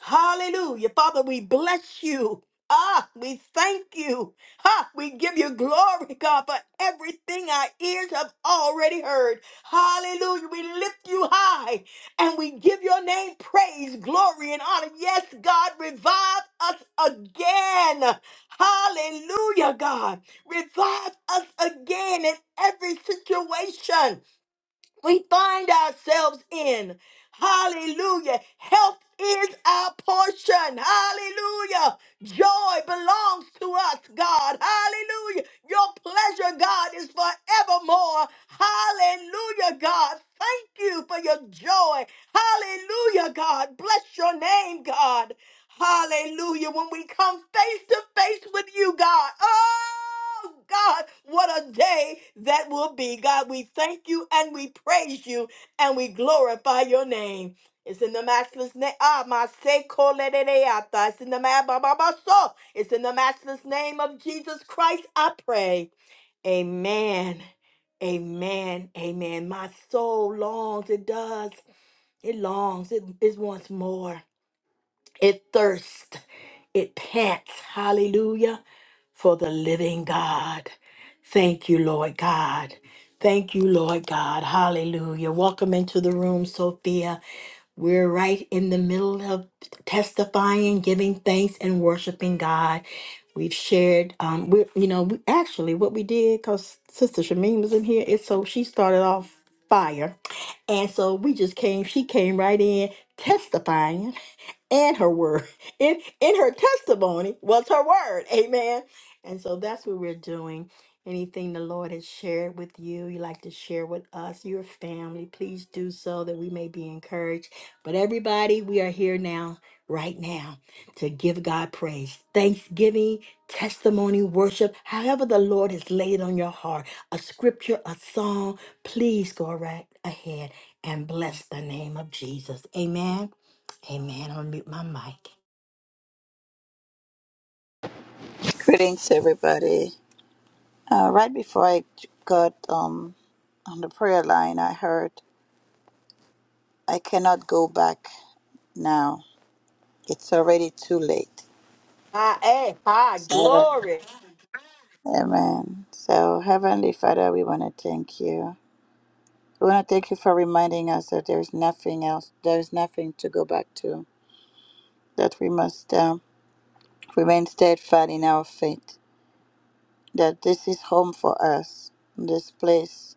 S1: Hallelujah. Father, we bless you. Ah, we thank you. Ha, we give you glory, God, for everything our ears have already heard. Hallelujah. We lift you high and we give your name praise, glory, and honor. Yes, God, revive us again. Hallelujah, God. Revive us again in every situation we find ourselves in. Hallelujah. Health is our portion. Hallelujah. Joy belongs to us, God. Hallelujah. Your pleasure, God, is forevermore. Hallelujah, God. Thank you for your joy. Hallelujah, God. Bless your name, God. Hallelujah. When we come face to face with you, God. Oh, God, what a day that will be. God, we thank you and we praise you and we glorify your name. It's in the matchless name. Ah, my sekolereata. It's in the ma- ba- ba- ba- so. It's in the matchless name of Jesus Christ. I pray. Amen. Amen. Amen. My soul longs. It does. It longs. It, it wants more. It thirsts, it pants, hallelujah, for the living God. Thank you, Lord God. Thank you, Lord God. Hallelujah. Welcome into the room, Sophia. We're right in the middle of testifying, giving thanks, and worshiping God. We've shared, um, we you know, we, actually what we did because Sister Shamin was in here. It's so she started off fire, and so we just came. She came right in testifying and her word in in her testimony was her word amen and so that's what we're doing anything the lord has shared with you you like to share with us your family please do so that we may be encouraged but everybody we are here now right now to give god praise thanksgiving testimony worship however the lord has laid on your heart a scripture a song please go right ahead and bless the name of jesus amen Amen. I'll mute my mic.
S4: Greetings, everybody. Uh, right before I got um, on the prayer line, I heard, I cannot go back now. It's already too late.
S1: Ah, eh, ah,
S4: So,
S1: glory.
S4: amen. So, Heavenly Father, we want to thank you. We want to thank you for reminding us that there's nothing else, there's nothing to go back to, that we must um, remain steadfast in our faith, that this is home for us, this place.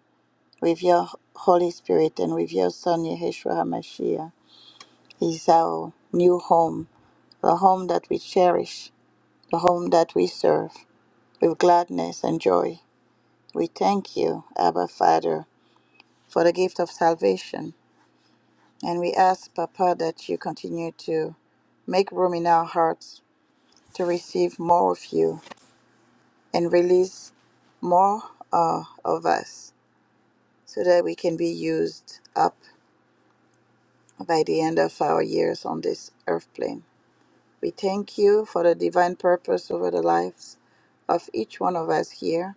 S4: with your Holy Spirit and with your Son, Yeshua HaMashiach, is our new home, the home that we cherish, the home that we serve with gladness and joy. We thank you, Abba Father, for the gift of salvation. And we ask, Papa, that you continue to make room in our hearts to receive more of you and release more uh, of us so that we can be used up by the end of our years on this earth plane. We thank you for the divine purpose over the lives of each one of us here.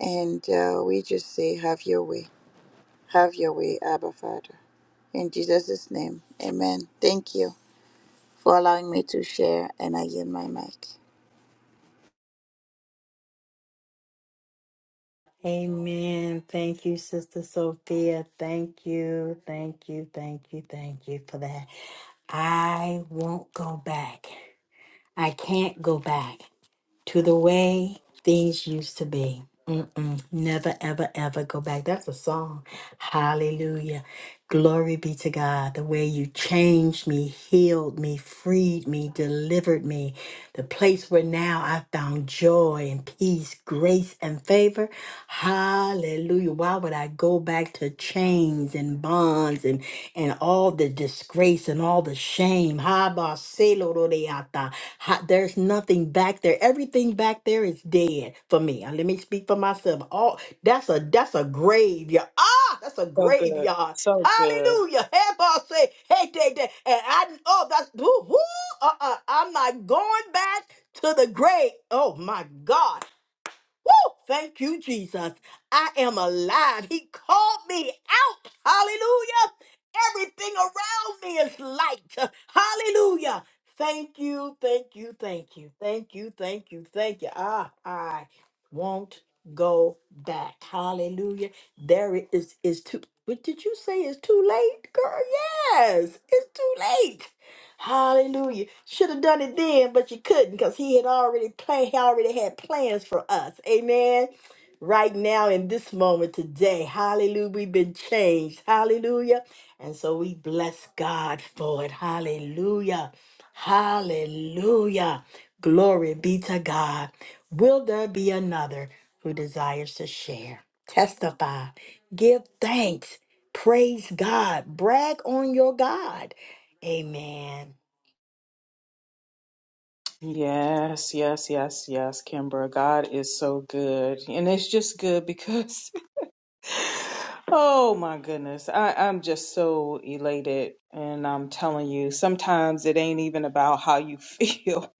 S4: And uh, we just say, have your way. Have your way, Abba Father. In Jesus' name, amen. Thank you for allowing me to share, and I yield my mic.
S1: Amen. Thank you, Sister Sophia. Thank you, thank you, thank you, thank you for that. I won't go back. I can't go back. to the way things used to be. Mm-mm. Never, ever, ever go back. That's a song. Hallelujah. Glory be to God. The way you changed me, healed me, freed me, delivered me. The place where now I found joy and peace, grace and favor. Hallelujah. Why would I go back to chains and bonds? and all the disgrace and all the shame. Ha ba se lo ro de ata. Ha- There's nothing back there. Everything back there is dead for me. Uh, Let me speak for myself. All that's a that's a graveyard. Ah, that's a
S5: So good.
S1: graveyard.
S5: So good.
S1: Hallelujah. Hey, boss, say, hey, day, day. And I, oh, that's, whoo, whoo, uh-uh. I'm not going back to the grave. Oh, my God. Woo! Thank you, Jesus. I am alive. He called me out. Hallelujah. Everything around me is light. Hallelujah. Thank you, thank you, thank you, thank you, thank you, thank you. Ah, I won't go back. Hallelujah. There it is. Is too. What did you say? It's too late, girl. Yes, it's too late. Hallelujah. Should have done it then, but you couldn't because he had already planned, he already had plans for us. Amen. Right now, in this moment today, hallelujah, we've been changed. Hallelujah. And so we bless God for it. Hallelujah. Hallelujah. Glory be to God. Will there be another who desires to share, testify, give thanks, praise God, brag on your God? Amen.
S5: Yes, yes, yes, yes, Kimbra. God is so good. And it's just good because, oh my goodness, I, I'm just so elated. And I'm telling you, sometimes it ain't even about how you feel.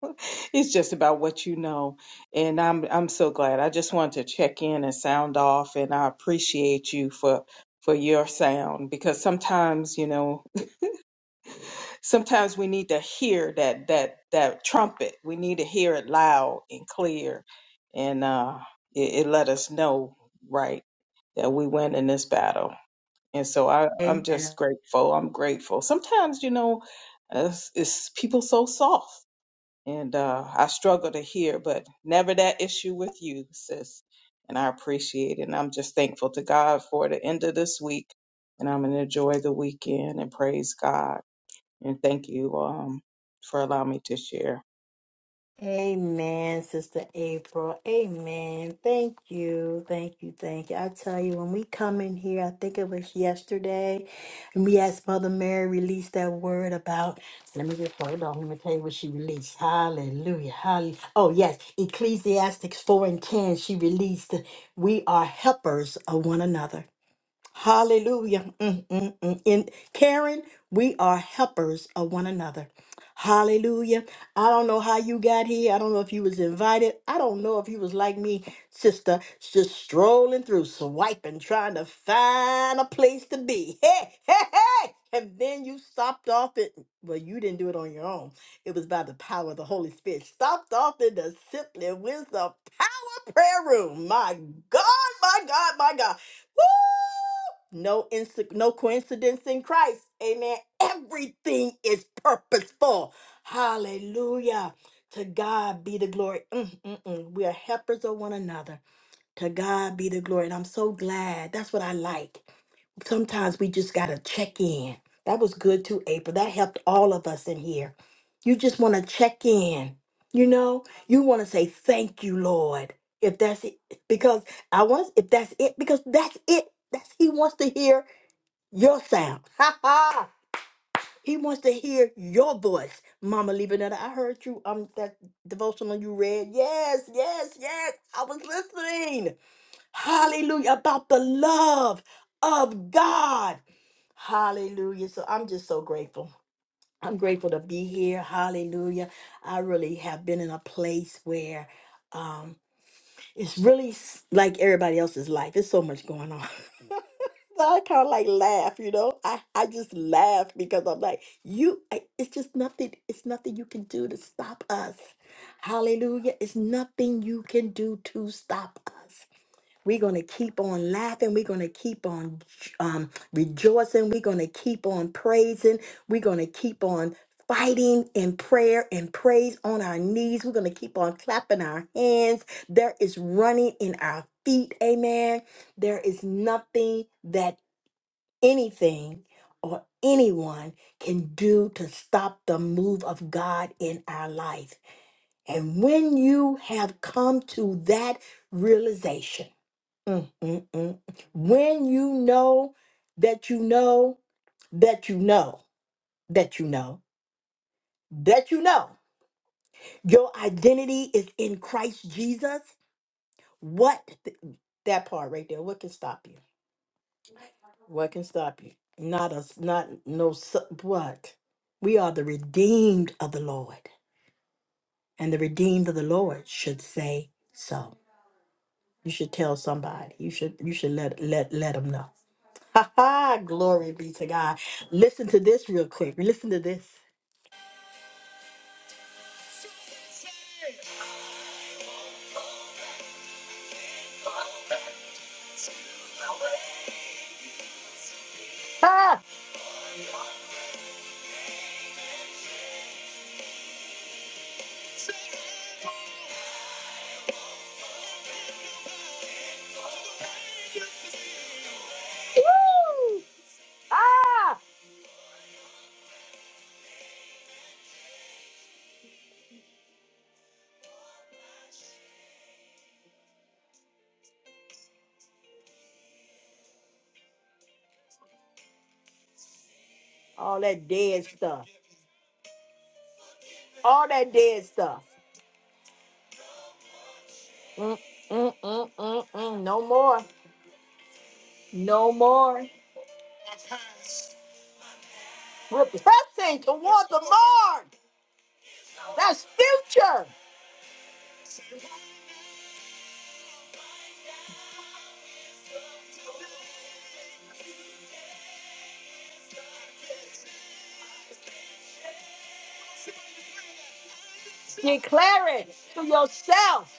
S5: it's just about what you know. And I'm I'm so glad. I just wanted to check in and sound off and I appreciate you for for your sound because sometimes, you know, sometimes we need to hear that that that trumpet. We need to hear it loud and clear, and uh, it, it let us know right that we win in this battle. And so I, I'm just
S1: Amen.
S5: grateful. I'm grateful. Sometimes you know, it's, it's people so soft, and uh, I struggle to hear, but never that issue with you, sis. And I appreciate it. And I'm just thankful to God for the end of this week. And I'm going to enjoy the weekend and praise God. And thank you um, for allowing me to share.
S1: Amen, Sister April. Amen. Thank you. Thank you. Thank you. I tell you, when we come in here, I think it was yesterday, and we asked Mother Mary release that word about. Let me just hold on. Let me tell you what she released. Hallelujah. Hallelujah. Oh, yes. Ecclesiastics 4 and 10. She released, We are helpers of one another. Hallelujah. Mm, mm, mm. In Karen, we are helpers of one another. Hallelujah. I don't know how you got here. I don't know if you was invited. I don't know if you was like me, sister, just strolling through, swiping, trying to find a place to be. Hey, hey, hey. And then you stopped off at well, you didn't do it on your own. It was by the power of the Holy Spirit. Stopped off in the simply wisdom power prayer room. My God, my God, my God. Woo! no inst- no coincidence in Christ. Amen. Everything is purposeful. Hallelujah. To God be the glory. Mm, mm, mm. We are helpers of one another. To God be the glory. And I'm so glad. That's what I like. Sometimes we just got to check in. That was good too, April. That helped all of us in here. You just want to check in. You know, you want to say, Thank you, Lord. If that's it, because I want, if that's it, because that's it. That's He wants to hear your sound. Ha ha. He wants to hear your voice. Mama Lebanetta, I heard you um that devotional you read. Yes, yes, yes. I was listening. Hallelujah. About the love of God. Hallelujah. So I'm just so grateful. I'm grateful to be here. Hallelujah. I really have been in a place where um it's really s- like everybody else's life. It's so much going on. So I kind of like laugh, you know. I I just laugh because I'm like, you. I, it's just nothing. It's nothing you can do to stop us. Hallelujah! It's nothing you can do to stop us. We're gonna keep on laughing. We're gonna keep on um, rejoicing. We're gonna keep on praising. We're gonna keep on fighting in prayer and praise on our knees. We're gonna keep on clapping our hands. There is running in our feet. Amen. There is nothing that anything or anyone can do to stop the move of God in our life. And when you have come to that realization, mm, mm, mm, when you know that you know that you know that you know that you know your identity is in Christ Jesus, what that part right there, what can stop you? What can stop you? Not us, not no, su- what? We are the redeemed of the Lord, and the redeemed of the Lord should say so. You should tell somebody. You should, you should let, let, let them know. Ha ha, glory be to God. Listen to this real quick. Listen to this. Ha! Woo! Ah! All that dead stuff. All that dead stuff. Mm-mm-mm-mm. No more. No more. We're pressing toward the mark. That's future. Declare it to yourself.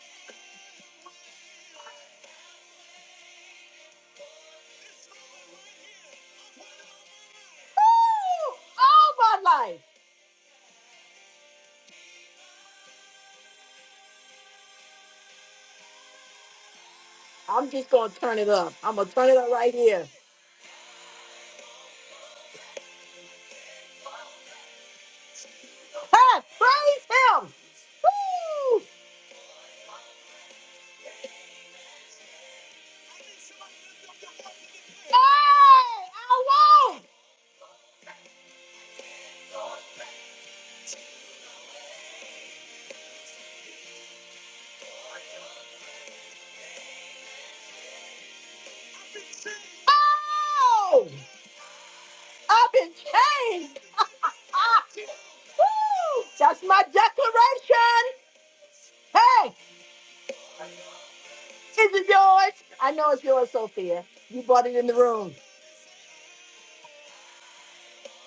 S1: Woo! All my life. I'm just going to turn it up. I'm going to turn it up right here. Hey, praise him. Woo! Hey, I won't. Oh, I've been changed. Woo, that's my declaration. Hey, is it yours? I know it's yours, Sophia. You bought it in the room.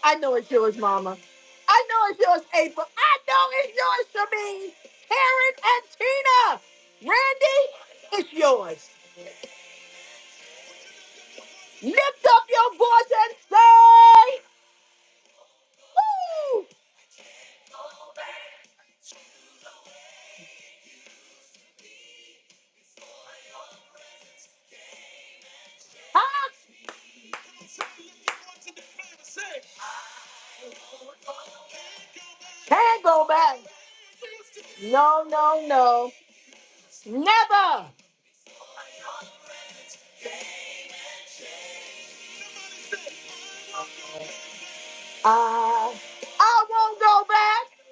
S1: I know it's yours, Mama. I know it's yours, April. I know it's yours, Shameen, Karen, and Tina. Randy, it's yours. Lift up your voice and say, Woo! I can't go back. No, no, no. Never. I, I won't go back.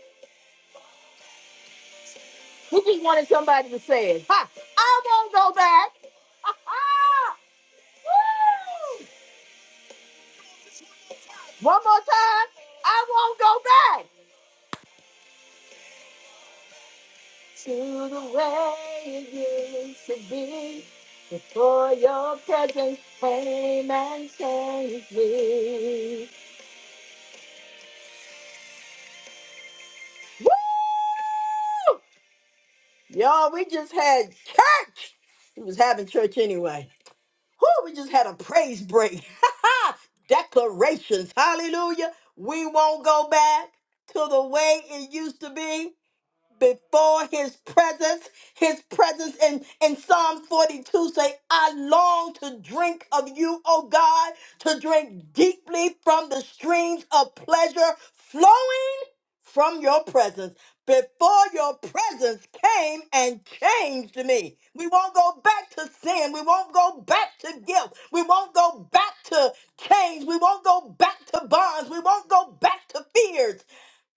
S1: He just wanted somebody to say it. Ha, I won't go back. Ha, ha. Woo! One more time. I won't go back to the way it used to be before your presence came and changed me. Woo! Y'all, we just had church. We was having church anyway. Whoo, we just had a praise break. Declarations. Hallelujah. We won't go back to the way it used to be before his presence, his presence in, in Psalm 42 say, I long to drink of you, O God, to drink deeply from the streams of pleasure flowing from your presence. Before your presence came and changed me. We won't go back to sin. We won't go back to guilt. We won't go back to chains. We won't go back to bonds. We won't go back to fears.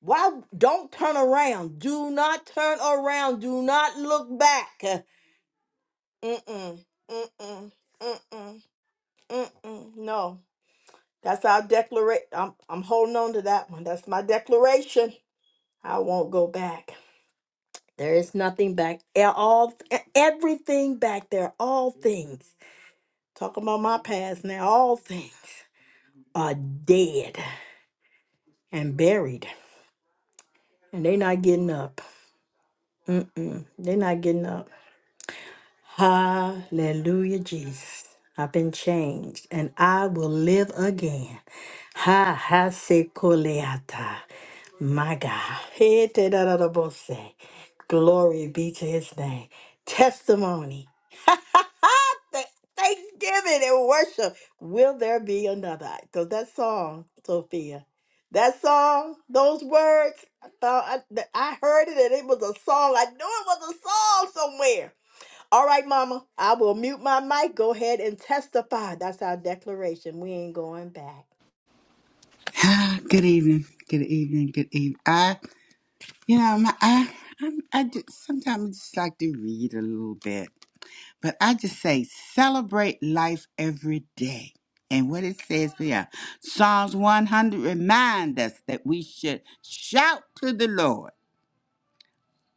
S1: Why don't turn around? Do not turn around. Do not look back. Mm-mm. Mm-mm. Mm-mm. Mm-mm. No. That's our declaration. I'm I'm holding on to that one. That's my declaration. I won't go back. There is nothing back. e- All e- everything back there. All things. Talking about my past now. All things are dead and buried. And they not getting up. Mm-mm. They're not getting up. Hallelujah, Jesus. I've been changed and I will live again. Ha ha se koleata. My God. He te da da da bo se. Glory be to his name. Testimony. Th- Thanksgiving and worship. Will there be another? Because that song, Sophia, that song, those words, I thought I, that I heard it and it was a song. I knew it was a song somewhere. All right, Mama, I will mute my mic. Go ahead and testify. That's our declaration. We ain't going back.
S6: Ah, good evening. Good evening. Good evening. I, you know, my, I, I'm, I just, sometimes I just like to read a little bit, but I just say celebrate life every day. And what it says here, Psalms 100 remind us that we should shout to the Lord.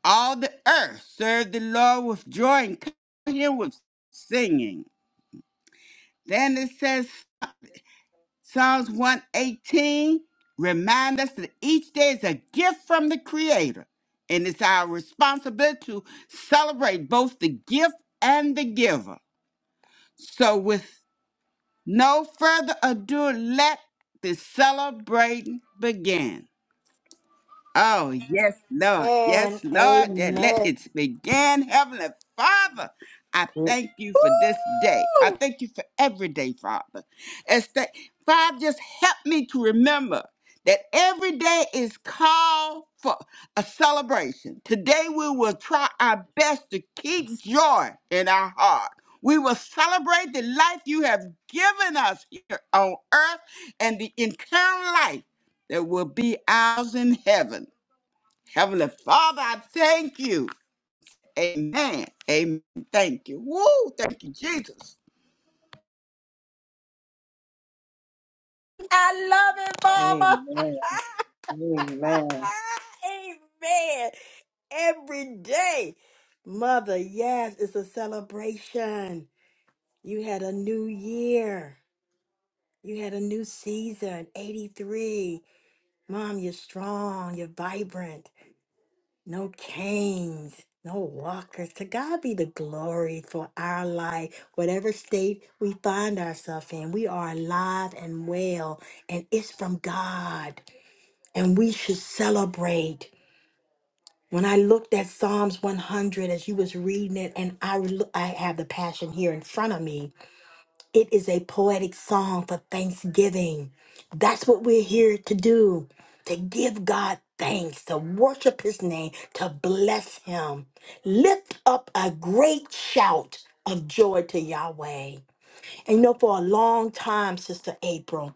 S6: All the earth serve the Lord with joy and come to him with singing. Then it says Psalms 118 remind us that each day is a gift from the Creator, and it's our responsibility to celebrate both the gift and the giver. So, with no further ado, let the celebrating begin. Oh, yes, Lord. Yes,
S1: And
S6: Lord. And let
S1: amen.
S6: it begin. Heavenly Father, I
S1: Woo!
S6: thank you for this day. I thank you for every day, Father. As that, Father, just help me to remember that every day is called for a celebration. Today we will try our best to keep joy in our heart. We will celebrate the life you have given us here on earth and the eternal life that will be ours in heaven. Heavenly Father, I thank you. Amen. Amen. Thank you. Woo! Thank you, Jesus.
S1: I love it, Mama.
S5: Amen. Amen.
S1: Amen. Every day. Mother, yes, it's a celebration. You had a new year. You had a new season, 83. Mom, you're strong. You're vibrant. no canes, no walkers. To God be the glory for our life. Whatever state we find ourselves in, we are alive and well, and it's from God, and we should celebrate. When I looked at Psalms 100 as you was reading it, and I, lo- I have the passion here in front of me, it is a poetic song for thanksgiving. That's what we're here to do to give God thanks, to worship his name, to bless him. Lift up a great shout of joy to Yahweh. And you know, for a long time, Sister April,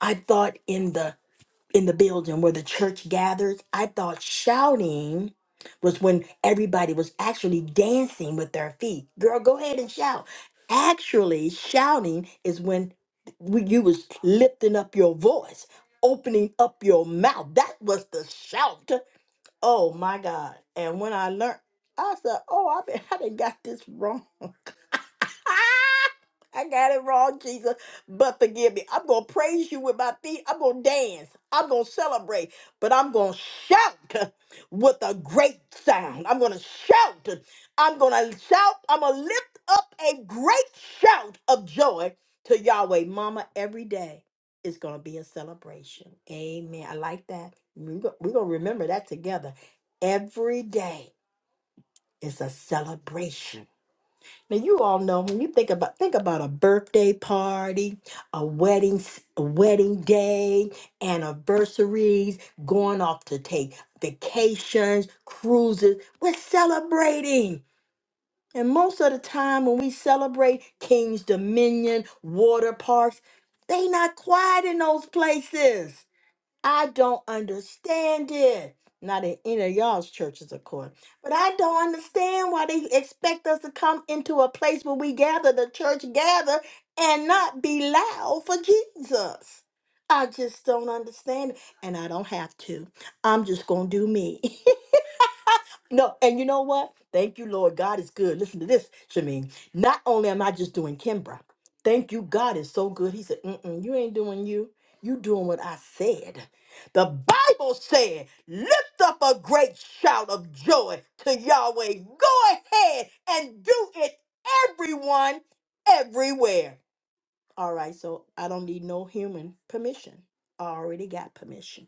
S1: I thought in the in the building where the church gathers, I thought shouting was when everybody was actually dancing with their feet. Girl, go ahead and shout. Actually, shouting is when w- you was lifting up your voice, opening up your mouth. That was the shout. Oh my God! And when I learned, I said, "Oh, I been, I done got this wrong." I got it wrong, Jesus, but forgive me. I'm going to praise you with my feet. I'm going to dance. I'm going to celebrate, but I'm going to shout with a great sound. I'm going to shout. I'm going to shout. I'm going to lift up a great shout of joy to Yahweh. Mama, every day is going to be a celebration. Amen. I like that. We're going to remember that together. Every day is a celebration now you all know when you think about think about a birthday party, a wedding, s- a wedding day, anniversaries, going off to take vacations, cruises. We're celebrating. And most of the time when we celebrate King's Dominion, water parks, they not quiet in those places. I don't understand it. Not in any of y'all's churches, of course. But I don't understand why they expect us to come into a place where we gather, the church gather, and not be loud for Jesus. I just don't understand. it, And I don't have to. I'm just going to do me. No, and you know what? Thank you, Lord. God is good. Listen to this, Shameen. Not only am I just doing Kimbra, thank you, God is so good. He said, Mm-mm, You ain't doing you. You doing what I said. The Bible said, Lift up a great shout of joy to Yahweh. Go ahead and do it, everyone, everywhere. All right, so I don't need no human permission. I already got permission.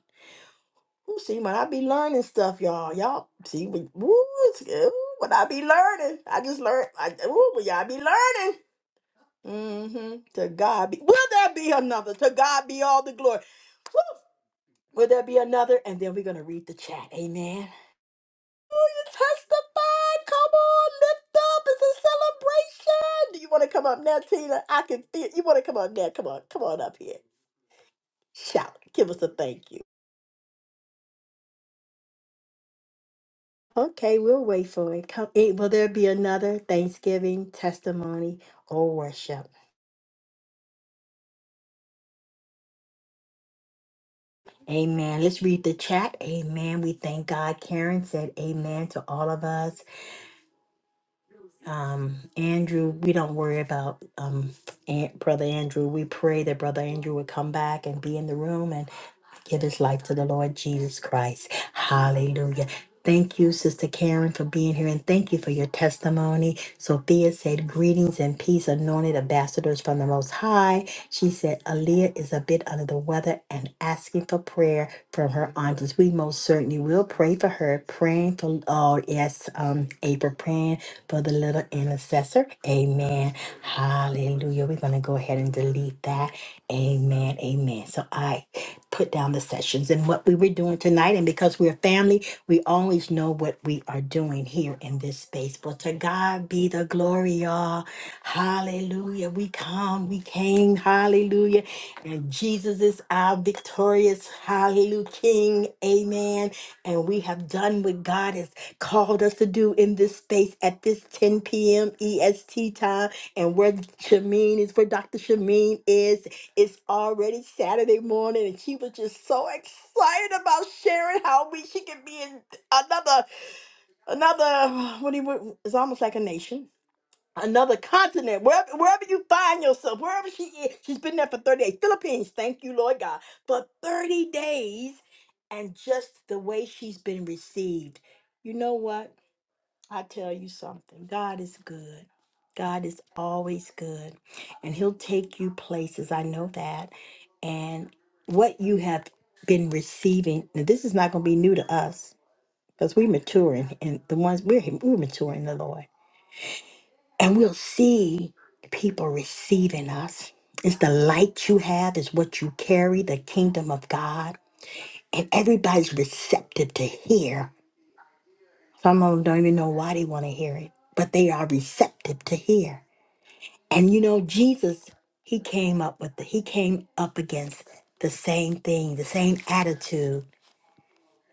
S1: Ooh, see, when I be learning stuff, y'all, y'all see, we, ooh, it's, ooh, when I be learning, I just learn. I, ooh, but y'all be learning. Mm-hmm. To God be, will there be another? To God be all the glory. Woo! Will there be another? And then we're gonna read the chat. Amen. Oh, you testified. Come on, lift up. It's a celebration. Do you want to come up now, Tina? I can feel you want to come up now. Come on, come on up here. Shout. Give us a thank you. Okay, we'll wait for it. Come, eh, will there be another Thanksgiving testimony or worship? Amen. Let's read the chat. Amen. We thank God. Karen said amen to all of us. Um, Andrew, we don't worry about um, Aunt, Brother Andrew. We pray that Brother Andrew would come back and be in the room. and. Give his life to the Lord Jesus Christ. Hallelujah. Thank you, Sister Karen, for being here, and thank you for your testimony. Sophia said, Greetings and peace, anointed ambassadors from the Most High. She said, Aaliyah is a bit under the weather and asking for prayer from her aunties. We most certainly will pray for her, praying for, oh, yes, um, April, praying for the little intercessor. Amen. Hallelujah. We're going to go ahead and delete that. Amen. Amen. So I put down the sessions and what we were doing tonight. And because we're family, we always know what we are doing here in this space. But to God be the glory, y'all. Hallelujah. We come, we came. Hallelujah. And Jesus is our victorious, hallelujah, King. Amen. And we have done what God has called us to do in this space at this 10 p.m. EST time. And where Shameen is, where Dr. Shameen is. It's already Saturday morning, and she was just so excited about sharing how we she could be in another another what do you what- it's almost like a nation, another continent, wherever wherever you find yourself, wherever she is. She's been there for thirty days. Philippines, thank you, Lord God, for thirty days, and just the way she's been received. You know what? I tell you something, God is good. God is always good, and He'll take you places. I know that. And what you have been receiving, now this is not going to be new to us because we're maturing, and the ones we're, we're maturing in the Lord. And we'll see people receiving us. It's the light you have, is what you carry, the kingdom of God. And everybody's receptive to hear. Some of them don't even know why they want to hear it, but they are receptive to hear. And you know, Jesus, he came up with the, he came up against the same thing, the same attitude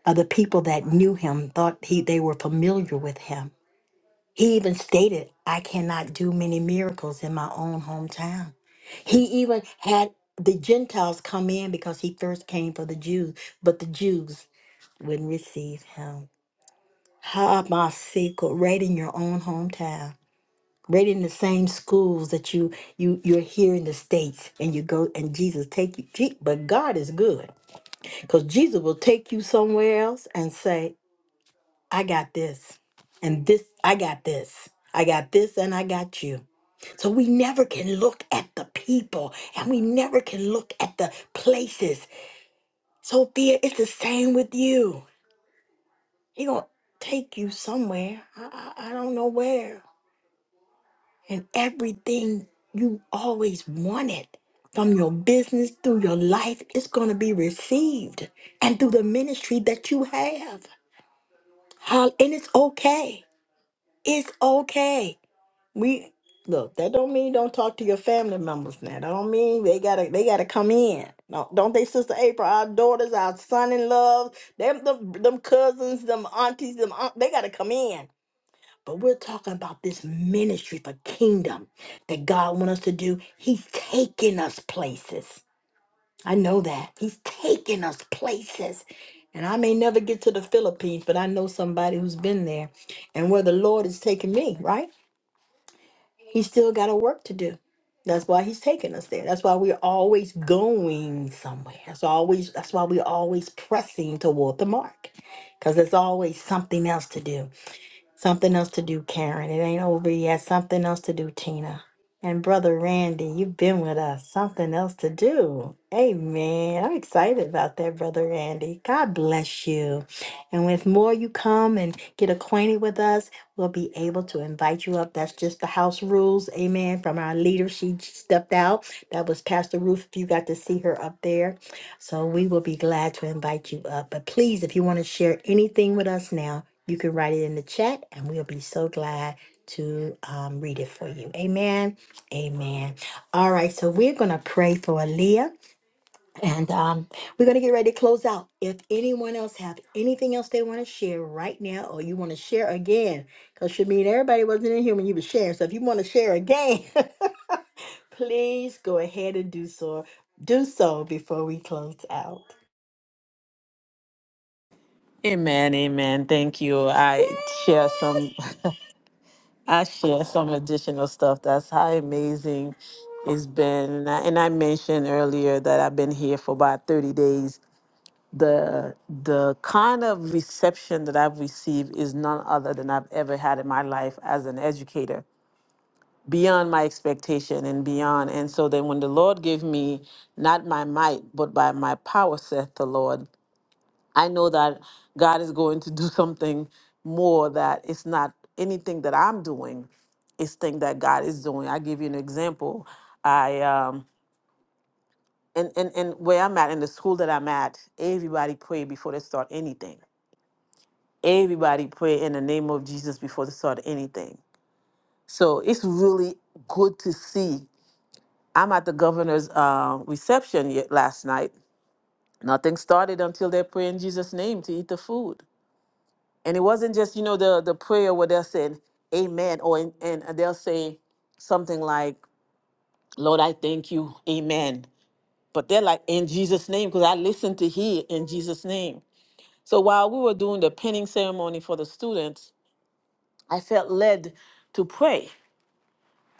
S1: of the people that knew him, thought he they were familiar with him. He even stated, I cannot do many miracles in my own hometown. He even had the Gentiles come in because he first came for the Jews, but the Jews wouldn't receive him. How about secret right in your own hometown? right in the same schools that you you you're here in the states and you go and jesus take you Je- but god is good because jesus will take you somewhere else and say i got this and this i got this i got this and i got you so we never can look at the people and we never can look at the places so be it it's the same with you he gonna take you somewhere i i, I don't know where and everything you always wanted from your business through your life is going to be received and through the ministry that you have Hol- and it's okay it's okay we look that don't mean don't talk to your family members now that don't mean they gotta they gotta come in no, don't they sister april our daughters our son-in-laws them, them them cousins them aunties them aunt, they gotta come in but we're talking about this ministry for kingdom that God wants us to do. He's taking us places. I know that. He's taking us places. And I may never get to the Philippines, but I know somebody who's been there and where the Lord is taking me, right? He's still got a work to do. That's why he's taking us there. That's why we're always going somewhere. That's always that's why we're always pressing toward the mark. Because there's always something else to do. Something else to do, Karen. It ain't over yet. Something else to do, Tina. And brother Randy, you've been with us. Something else to do. Amen. I'm excited about that, brother Randy. God bless you. And with more you come and get acquainted with us, we'll be able to invite you up. That's just the house rules. Amen. From our leader, she stepped out. That was Pastor Ruth. If you got to see her up there. So we will be glad to invite you up. But please, if you want to share anything with us now, you can write it in the chat and we'll be so glad to um, read it for you. Amen. Amen. All right. So we're going to pray for Aaliyah. And um, we're going to get ready to close out. If anyone else have anything else they want to share right now, or you want to share again, because Shameen, everybody wasn't in here when you were sharing. So if you want to share again, please go ahead and do so. Do so before we close out.
S2: Amen, amen. Thank you. I share some. I share some additional stuff. That's how amazing it's been. And I, and I mentioned earlier that I've been here for about 30 days. The the kind of reception that I've received is none other than I've ever had in my life as an educator, beyond my expectation and beyond. And so then when the Lord gave me not my might, but by my power, saith the Lord, I know that God is going to do something more that it's not anything that I'm doing, it's thing that God is doing. I give you an example. I um and, and and where I'm at in the school that I'm at, everybody pray before they start anything. Everybody pray in the name of Jesus before they start anything. So it's really good to see. I'm at the governor's uh, reception ye- last night. Nothing started until they pray in Jesus' name to eat the food. And it wasn't just, you know, the the prayer where they're saying amen or and, and they'll say something like, Lord, I thank you, amen. But they're like in Jesus' name, because I listened to hear in Jesus' name. So while we were doing the pinning ceremony for the students, I felt led to pray.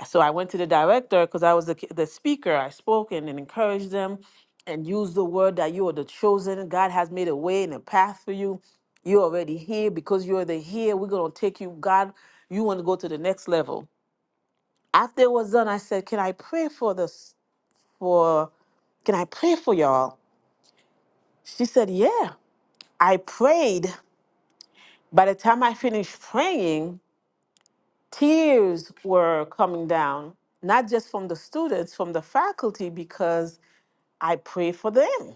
S2: so I went to the director because I was the, the speaker. I spoke and, and encouraged them and used the word that you are the chosen. God has made a way and a path for you. You're already here because you're the here. We're going to take you. God, you want to go to the next level. After it was done, I said, Can I pray for this? For can I pray for y'all? She said, Yeah. I prayed. By the time I finished praying, tears were coming down, not just from the students, from the faculty, because I pray for them.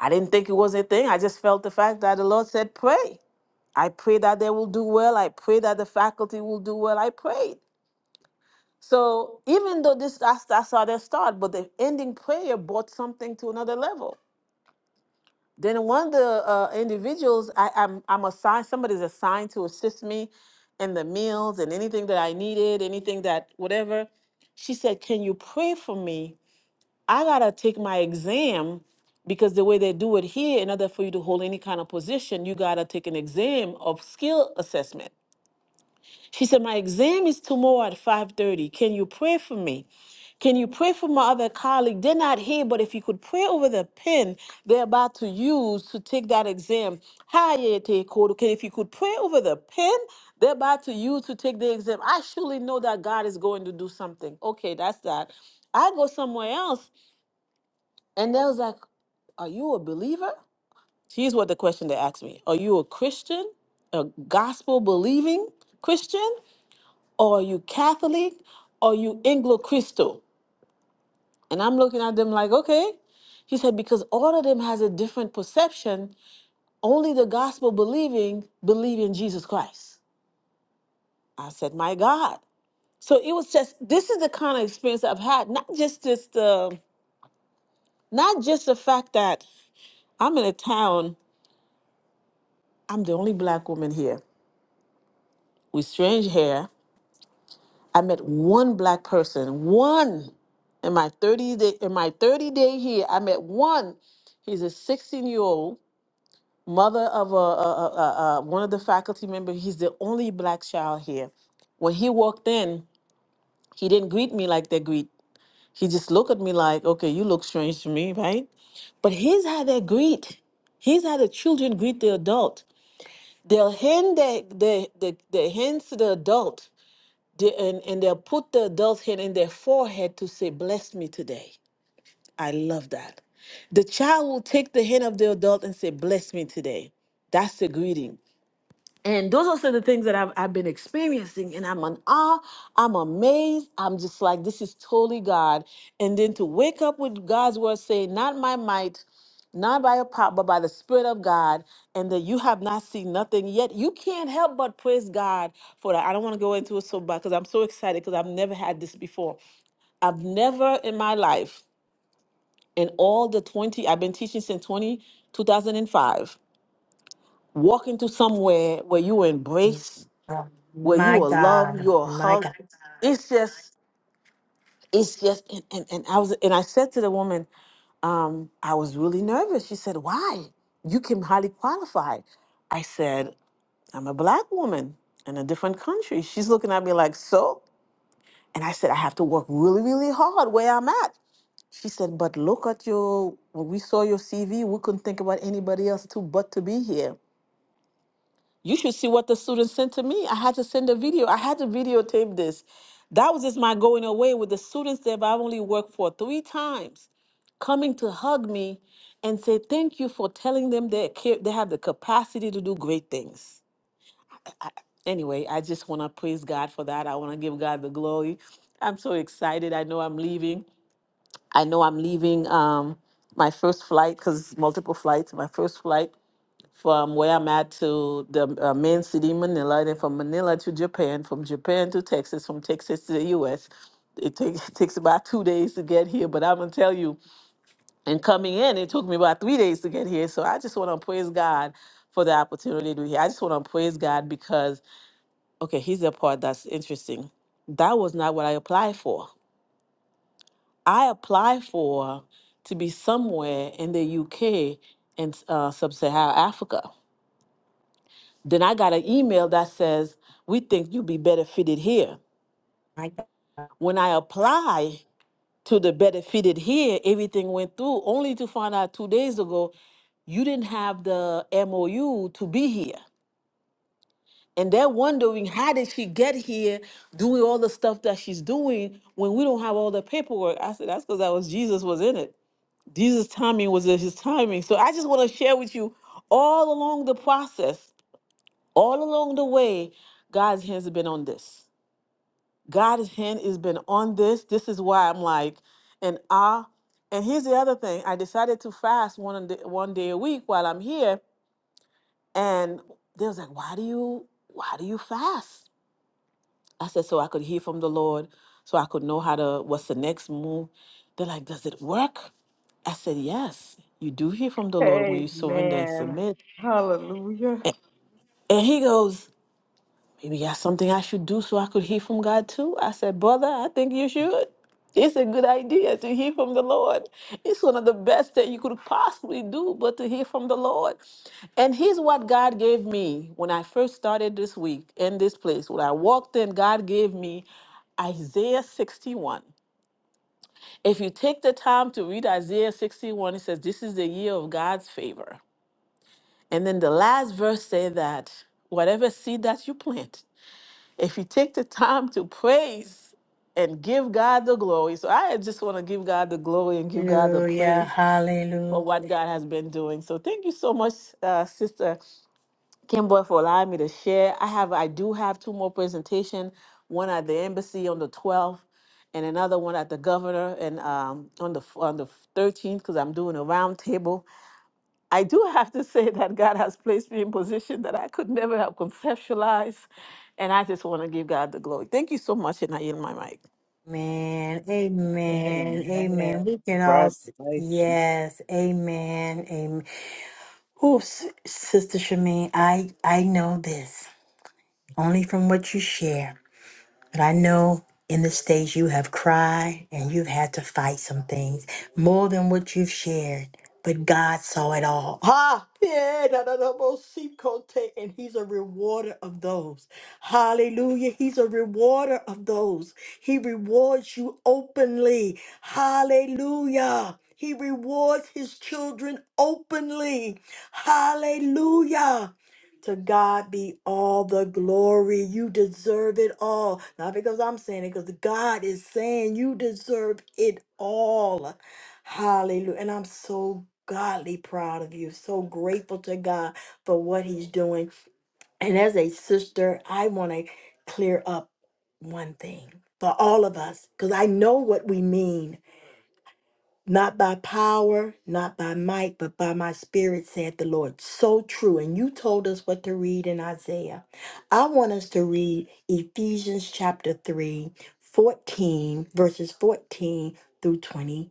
S2: I didn't think it was a thing. I just felt the fact that the Lord said, pray. I pray that they will do well. I pray that the faculty will do well. I prayed. So even though this that's that's how they start, but the ending prayer brought something to another level. Then one of the uh, individuals I, I'm I'm assigned somebody's assigned to assist me in the meals and anything that I needed, anything that whatever. She said, Can you pray for me I gotta take my exam because the way they do it here, in order for you to hold any kind of position, you gotta take an exam of skill assessment. She said, My exam is tomorrow at 5:30. Can you pray for me? Can you pray for my other colleague? They're not here, but if you could pray over the pen they're about to use to take that exam. Hi, Yete Kodo. Can if you could pray over the pen they're about to use to take the exam. I surely know that God is going to do something. Okay, that's that. I go somewhere else and they was like, Are you a believer? Here's what the question they asked me Are you a Christian, a gospel believing Christian, or are you Catholic, or are you Anglo Crystal? And I'm looking at them like, Okay. He said, Because all of them has a different perception. Only the gospel believing believe in Jesus Christ. I said, My God. So it was just this is the kind of experience I've had, not just this the not just the fact that I'm in a town. I'm the only black woman here with strange hair. I met one black person, one in my 30 day in my 30 day here. I met one. He's a 16 year old mother of a, a, a, a a- one of the faculty members. He's the only black child here. When he walked in, he didn't greet me like they greet. He just looked at me like, okay, you look strange to me, right? But here's how they greet. Here's how the children greet the adult. They'll hand their, their, their, their hands to the adult They- and, and they'll put the adult's hand in their forehead to say, Bless me today. I love that. The child will take the hand of the adult and say, Bless me today. That's the greeting and those are some of the things that I've, I've been experiencing and i'm in awe i'm amazed i'm just like this is totally god and then to wake up with god's word saying not my might not by a power but by the spirit of god and that you have not seen nothing yet you can't help but praise god for that i don't want to go into it so bad because i'm so excited because i've never had this before i've never in my life in all the 20 i've been teaching since 20 2005 walk into somewhere where you
S1: Mm,
S2: embrace
S1: oh,
S2: where
S1: My
S2: you are loved,
S1: God,
S2: you are
S1: my
S2: hugged.
S1: God,
S2: It's just, it's just, and, and, and I was, and I said to the woman, um, I was really nervous. She said, why? You can highly qualify. I said, I'm a black woman in a different country. She's looking at me like, so? And I said, I have to work really, really hard where I'm at. She said, but look at your, when we saw your CV, we couldn't think about anybody else too but to be here. You should see what the students sent to me. I had to send a video. I had to videotape this. That was just my going away with the students there, I've only worked for three times, coming to hug me and say thank you for telling them they ca- they have the capacity to do great things. Anyway, I just want to praise God for that. I want to give God the glory. I'm so excited. I know I'm leaving. I know I'm leaving um, my first flight because multiple flights. My first flight from where I'm at to the uh, main city, Manila, then from Manila to Japan, from Japan to Texas, from Texas to the U.S. It takes takes about two days to get here, but I'm gonna tell you, and coming in, it took me about three days to get here. So I just want to praise God for the opportunity to be here. I just want to praise God because okay, here's the part that's interesting. That was not what I applied for. I applied for to be somewhere in the UK and uh, sub-Saharan Africa Then I got an email that says, We think you'd be better fitted here.
S1: my God.
S2: When I applied to the better fitted here, everything went through, only to find out two days ago, you didn't have the MOU to be here. And they're wondering, how did she get here doing all the stuff that she's doing when we don't have all the paperwork? I said, That's because that was Jesus was in it. Jesus' timing was his timing. So I just want to share with you all along the process, all along the way, God's hands have been on this God's hand has been on this. This is why I'm like in awe. And here's the other thing. I decided to fast one on the- one day a week while I'm here. And they was like, "Why do you why do you fast?" I said, "So I could hear from the Lord, so I could know how to what's the next move." They're like, "Does it work?" I said, "Yes. You do hear from the Lord when you surrender and
S5: Amen.
S2: submit."
S5: Hallelujah.
S2: And he goes, Maybe that's something I should do so I could hear from God too. I said, Brother, I think you should. It's a good idea to hear from the Lord. It's one of the best that you could possibly do, but to hear from the Lord. And here's what God gave me when I first started this week in this place. When I walked in, God gave me Isaiah 61. If you take the time to read Isaiah 61, it says, This is the year of God's favor. And then the last verse say that whatever seed that you plant, if you take the time to praise and give God the glory. So I just want to give God the glory and give God the
S1: Hallelujah,
S2: praise
S1: hallelujah.
S2: for what God has been doing. So thank you so much, uh, Sister Kimber, for allowing me to share. I have, I do have two more presentations. One at the embassy on the 12th, and another one at the governor and um, on the on the 13th because I'm doing a roundtable I do have to say that God has placed me in position that I could never have conceptualized. And I just want to give God the glory. Thank you so much, and I yield my mic.
S1: Amen, amen,
S5: Amen.
S1: amen. We can all, s-
S5: Congratulations.
S1: yes, amen, amen. Oh, Sister Shamin, I I know this only from what you share. But I know in the stage you have cried and you've had to fight some things more than what you've shared. But God saw it all. Ah, Yeah, da, da, da, bo, si, kote, And He's a rewarder of those. Hallelujah. He's a rewarder of those. He rewards you openly. Hallelujah. He rewards his children openly. Hallelujah. To God be all the glory. You deserve it all. Not because I'm saying it, because God is saying you deserve it all. Hallelujah. And I'm so godly proud of you. So grateful to God for what He's doing. And as a sister, I want to clear up one thing for all of us, because I know what we mean. Not by power, not by might, but by my spirit, said the Lord. So true. And you told us what to read in Isaiah. I want us to read Ephesians chapter 3, 14 verses 14 through 20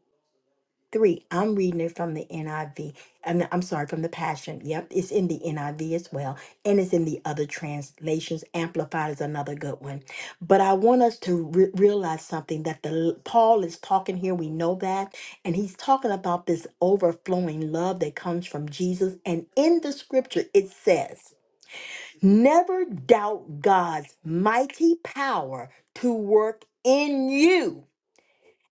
S1: three. I'm reading it from the NIV. And I'm sorry, from the Passion. Yep, it's in the NIV as well. And it's in the other translations. Amplified is another good one. But I want us to re- realize something that the Paul is talking here. We know that. And he's talking about this overflowing love that comes from Jesus. And in the scripture, it says, Never doubt God's mighty power to work in you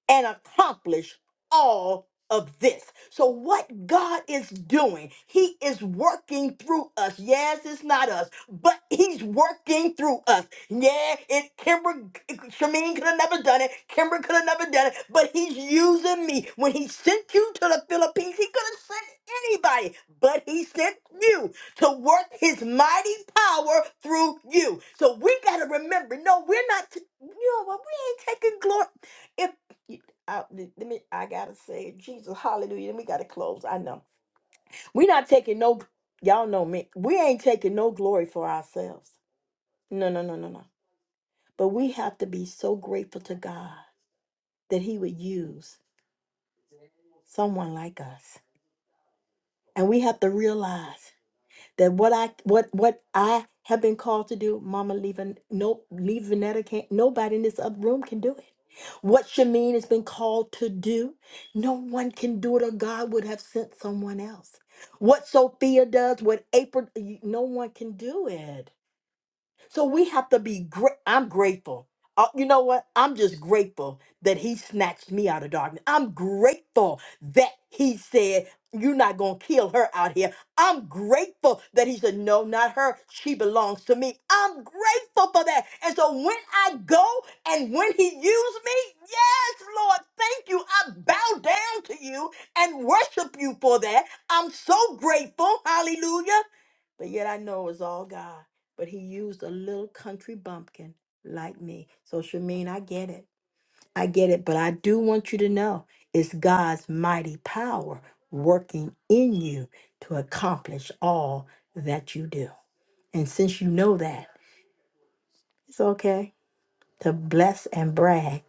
S1: and accomplish all of this. So, what God is doing, He is working through us. Yes, it's not us, but He's working through us. Yeah, it Kimber Shameen could have never done it. Kimber could have never done it, but He's using me. When He sent you to the Philippines, He could have sent anybody, but He sent you to work His mighty power through you. So we gotta remember, no, we're not. You know what? We ain't taking glory. If you- I, th- let me, I gotta say, Jesus, hallelujah. Then we gotta close. I know. We're not taking no, y'all know me. We ain't taking no glory for ourselves. No, no, no, no, no. But we have to be so grateful to God that He would use someone like us. And we have to realize that what I what what I have been called to do, Mama leaving no leave Vanetta can't nobody in this other room can do it. What Shameen has been called to do, no one can do it or God would have sent someone else. What Sophia does, what April, no one can do it. So we have to be great. I'm grateful. Uh, you know what? I'm just grateful that he snatched me out of darkness. I'm grateful that he said, You're not going to kill her out here. I'm grateful that he said, No, not her. She belongs to me. I'm grateful for that. And so when I go and when he used me, yes, Lord, thank you. I bow down to you and worship you for that. I'm so grateful. Hallelujah. But yet I know it's all God but he used a little country bumpkin like me. So, Shameen, I get it. I get it. But I do want you to know it's God's mighty power working in you to accomplish all that you do. And since you know that, it's okay to bless and brag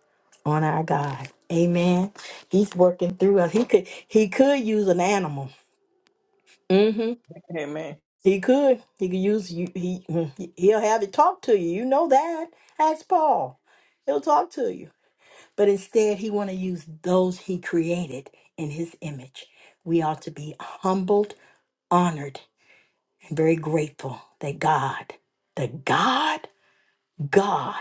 S1: on our God. Amen. He's working through us. He could he could use an animal. Mm-hmm.
S5: Amen.
S1: He could. He could use you. He he- he'll have it talk to you. You know that. Ask Paul. He'll talk to you. But instead, he want to use those he created in his image. We ought to be humbled, honored, and very grateful that God, the God God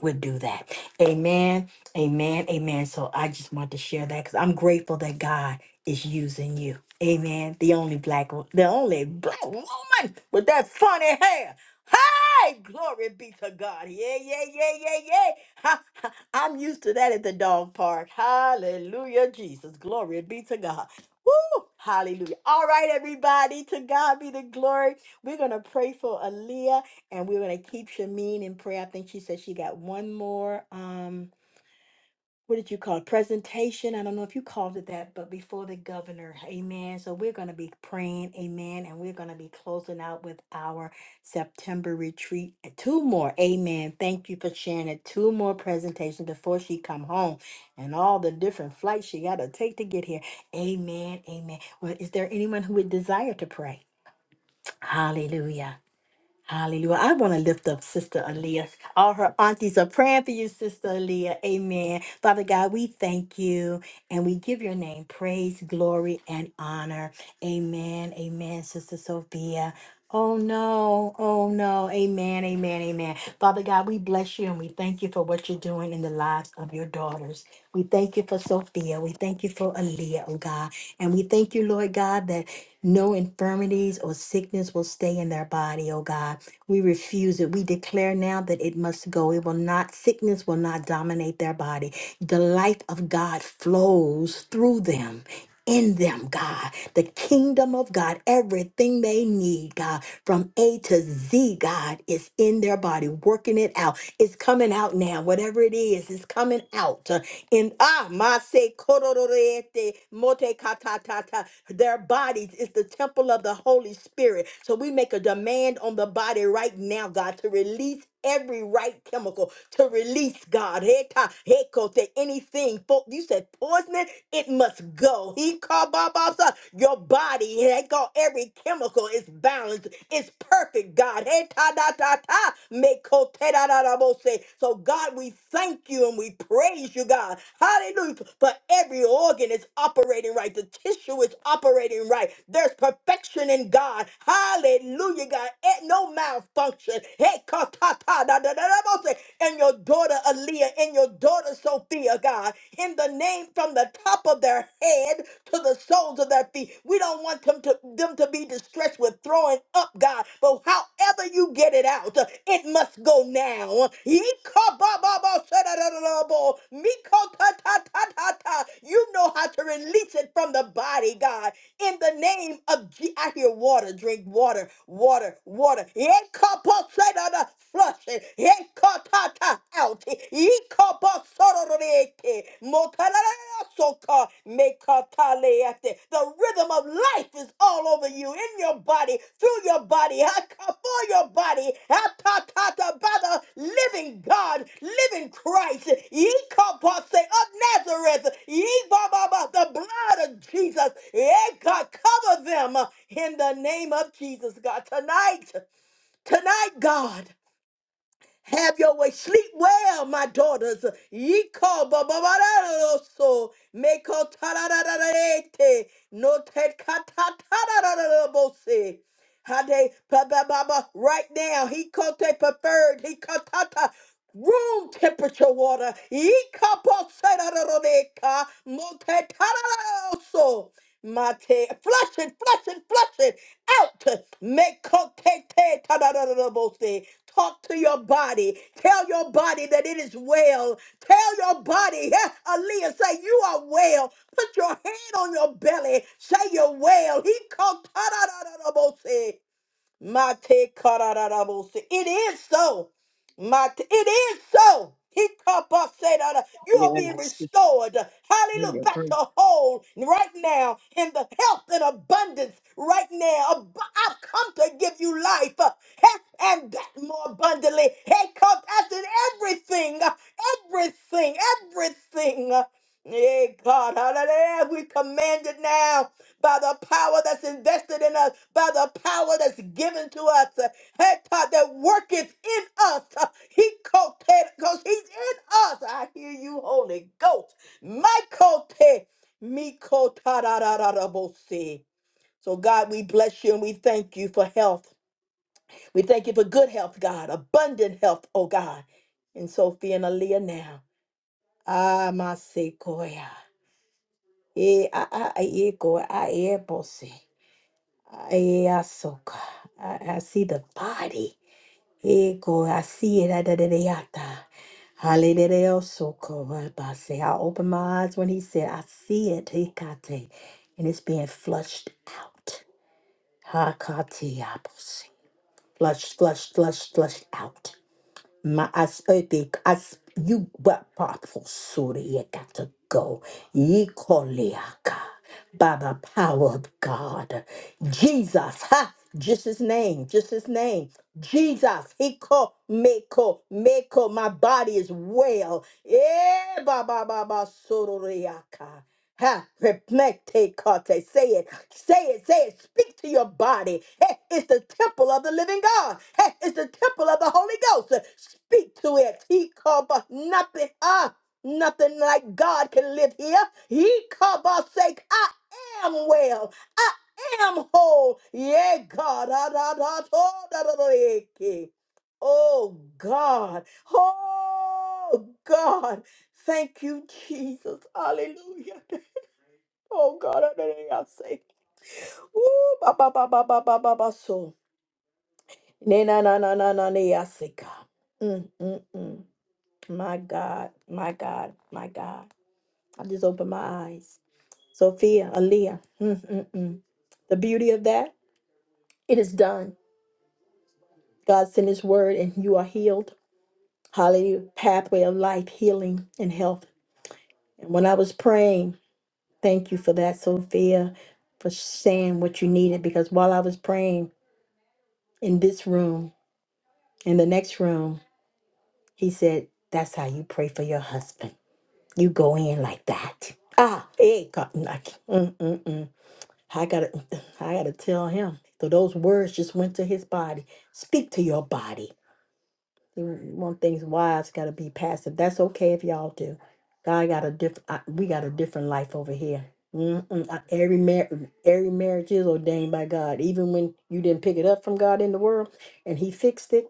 S1: would do that. Amen. Amen. Amen. So I just want to share that because I'm grateful that God is using you. Amen. The only black, wo- the only black woman with that funny hair. Hey, glory be to God. Yeah, yeah, yeah, yeah, yeah. Ha, ha. I'm used to that at the dog park. Hallelujah, Jesus. Glory be to God. Woo! Hallelujah. All right, everybody. To God be the glory. We're going to pray for Aaliyah and we're gonna keep Shamin in prayer. I think she said she got one more um what did you call it? Presentation. I don't know if you called it that, but before the governor. Amen. So we're gonna be praying, amen, and we're gonna be closing out with our September retreat. Two more. Amen. Thank you for sharing it. Two more presentations before she come home and all the different flights she gotta take to get here. Amen. Amen. Well, is there anyone who would desire to pray? Hallelujah. Hallelujah. I want to lift up Sister Aaliyah. All her aunties are praying for you, Sister Aaliyah. Amen. Father God, we thank you and we give your name praise, glory, and honor. Amen. Amen, Sister Sophia. Oh no, oh no, amen, amen, amen. Father God, we bless you and we thank you for what you're doing in the lives of your daughters. We thank you for Sophia. We thank you for Aaliyah, oh God. And we thank you, Lord God, that no infirmities or sickness will stay in their body, oh God. God. We refuse it. We declare now that it must go. It will not, sickness will not dominate their body. The life of God flows through them. In them, God, the kingdom of God, everything they need, God, from A to Z, God, is in their body, working it out. It's coming out now. Whatever it is, it's coming out. uh, In ah, mase korororete mote katatata. Their bodies is the temple of the Holy Spirit. So we make a demand on the body right now, God, to release every right chemical, to release, God, heta, hekote, anything. fo- You said poison, it must go. He called Baba your body. He called every chemical is balanced. It's perfect, God. Hey, ta da da ta. Meko te da da da bo se. So God, we thank you and we praise you, God. Hallelujah. But every organ is operating right. The tissue is operating right. There's perfection in God. Hallelujah, God. Eh, no no malfunction. Hekatatadadadadabose. And your daughter Aaliyah and your daughter Sophia, God, in the name from the top of their head to the soles of their feet. We don't want them to them to be distressed with throwing up, God. But however you get it out, uh, it must go now. You know how to release it from the body, God. In the name of Je- I hear water, drink water, water, water. Yekaposedada, Flush it. Yekatata, Out. Yekaposororete. Motararasoka affected. The rhythm of life is all over you, in your body, through your body, ah, ca- for your body, ah, ta, ta, ta, by the living God, living Christ. Ye kapase of Nazareth, ye ba, ba, ba, the blood of Jesus. Yeah, God, cover them in the name of Jesus, God. Tonight, tonight, God. Have your way. Sleep well, my daughters. Yiko bababaraloso. Meko tararararete. No te katatarararabose. Hade baba baba right now. He kote preferred. He kotata. Room temperature water. Yika poserararoreka. Mote tararararoso. Mate. Flush it, flush it, flush it out. Meko te te tarararabose. Talk to your body. Tell your body that it is well. Tell your body, yeah, Aaliyah, say you are well. Put your hand on your belly. Say you're well. He called. Mate kararabose. It is so. Mate, it is so. Hikapaseda. You are being
S5: Yes,
S1: restored.
S5: we
S1: Hallelujah. Back
S5: agree.
S1: to whole right now in the health and abundance right now. Ab- I've come to give you life uh, health and that more abundantly. Hey, come after everything. uh, Everything. Everything. uh, Yea, God, hallelujah. We command it now by the power that's invested in us, by the power that's given to us. uh, Hey, God, that worketh in us. uh, He coated, because he's in us. I hear you, Holy Ghost. My coated, me cote, da, da, da, da, da, bo- see. So, God, we bless you and we thank you for health. We thank you for good health, God, abundant health, oh God. And Sophia and Aaliyah now. Ah, my Sequoia. E a a a- e go a e bose. A e a soka. I, I see the body. E go I see it a da da da yata. Hallelujah, soko rabase. I opened my eyes when he said, I see it, hikate, and it's being flushed out. Hakate abose. Flush, flush, flush, flush out. Ma as epic as you were powerful Surya got to go. Ye koliaka by the power of God. Jesus, ha! Just his name, just his name. Jesus, he called Meko, Meko, my body is well. Eh, ba ba ba ba sororiaka. Ha, reflect, take carte. Say it, say it, say it. Speak to your body. Hey, it's the temple of the living God. Hey, it's the temple of the Holy Ghost. Speak to it. He called, but nothing. Ah, nothing like God can live here. He called by sake. I am well. I am whole. Yeah, God. Ah, da, da, da, da, da, da, da, da. Oh God. Oh God. Thank you, Jesus. Hallelujah. Oh God, I don't know what I say. Ooh, ba ba ba ba ba ba ba ba so. Ne na na na na na ne I say Mm mm mm. My God, my God, my God. I just opened my eyes. Sophia, Aaliyah. Mm mm mm. The beauty of that, it is done. God sent His word, and you are healed. Hallelujah. Pathway of life, healing and health. And when I was praying, thank you for that, Sophia, for saying what you needed. Because while I was praying in this room. In the next room, he said, That's how you pray for your husband. You go in like that. Ah, hey, God. like, Mm, mm, mm. I gotta, I gotta tell him. So those words just went to his body. Speak to your body. You want things wives gotta be passive. That's okay if y'all do. God got a different. We got a different life over here. Mm-mm. I- Every mar- every marriage is ordained by God. Even when you didn't pick it up from God in the world, and He fixed it,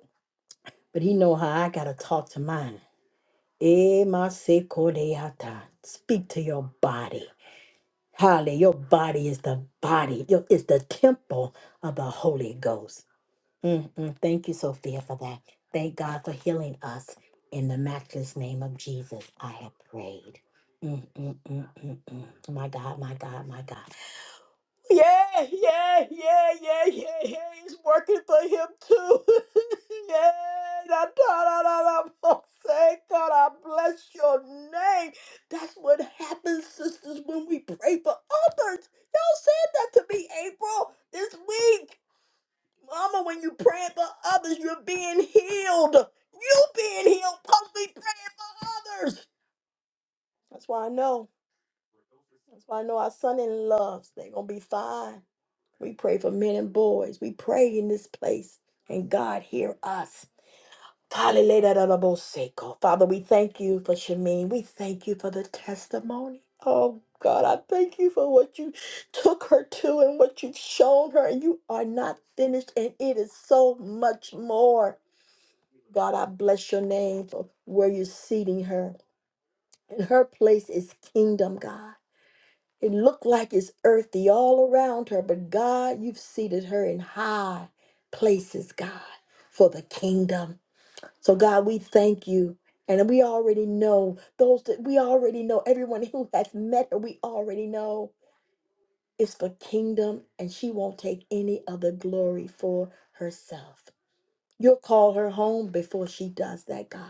S1: but He know how I gotta talk to mine. Emasekoleata. Speak to your body. Holly, your body is the body, your, is the temple of the Holy Ghost. Mm-mm. Thank you, Sophia, for that. Thank God for healing us. In the matchless name of Jesus, I have prayed. Mm-mm-mm-mm-mm. My God, my God, my God. Yeah, yeah, yeah, yeah, yeah, yeah. It's working for him too. yeah. da- da- da- da- da- oh, thank God, I bless your name. That's what happens, sisters, when we pray for others. Y'all said that to me, April, this week. Mama, when you praying for others, you're being healed. You being healed because we praying for others. That's why I know. That's why I know our son in loves. They're gonna be fine. We pray for men and boys. We pray in this place. And God, hear us. Hallelujah. Father, we thank you for Shamin. We thank you for the testimony. Oh, God, I thank you for what you took her to and what you've shown her. And you are not finished, and it is so much more. God, I bless your name for where you're seating her. And her place is kingdom, God. It looked like it's earthy all around her, but God, you've seated her in high places, God, for the kingdom. So, God, we thank you. And we already know those that we already know, everyone who has met her, we already know it's for kingdom, and she won't take any other glory for herself. You'll call her home before she does that, God.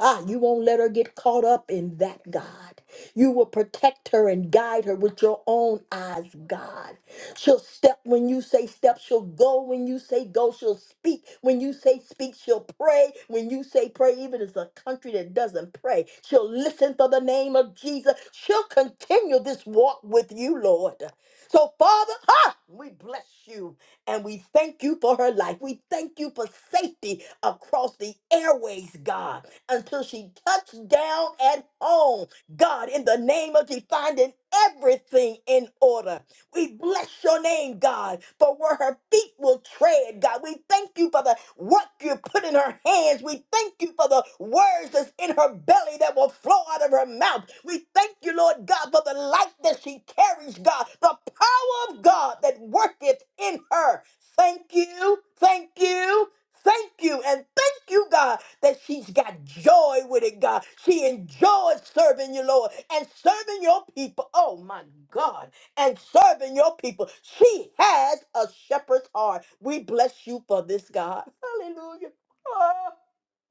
S1: Ah, you won't let her get caught up in that, God. You will protect her and guide her with your own eyes, God. She'll step when you say step. She'll go when you say go. She'll speak when you say speak. She'll pray when you say pray. Even if it's a country that doesn't pray, she'll listen for the name of Jesus. She'll continue this walk with you, Lord. So, Father, ah, we bless you. And we thank you for her life. We thank you for safety across the airways, God, until she touched down at home. God, in the name of Jesus, finding everything in order we bless your name, God, for where her feet will tread, God. We thank you for the work you put in her hands. We thank you for the words that's in her belly that will flow out of her mouth. We thank you, Lord God, for the light that she carries, God, the power of God that worketh in her. Thank you, thank you, Thank you and thank you, God, that she's got joy with it, God. She enjoys serving you, Lord, and serving your people. Oh, my God and serving your people. She has a shepherd's heart. We bless you for this, God. Hallelujah. Oh,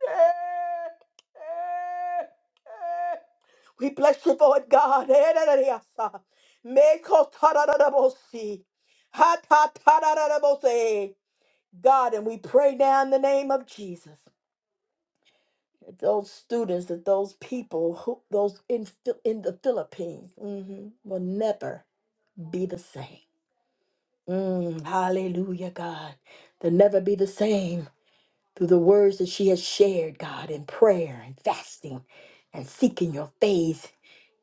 S1: eh, eh, eh. We bless you for it, God. Eh, da, da, da, ya, sa. Me ko ta, da, da, da, bo, si. Ha, ta, ta, da, da, da, bo, si. God, and we pray now in the name of Jesus. that Those students, that those people, who, those in, Phil- in the Philippines, mhm, will never be the same. Mm, hallelujah, God. To never be the same through the words that she has shared, God, in prayer and fasting and seeking your face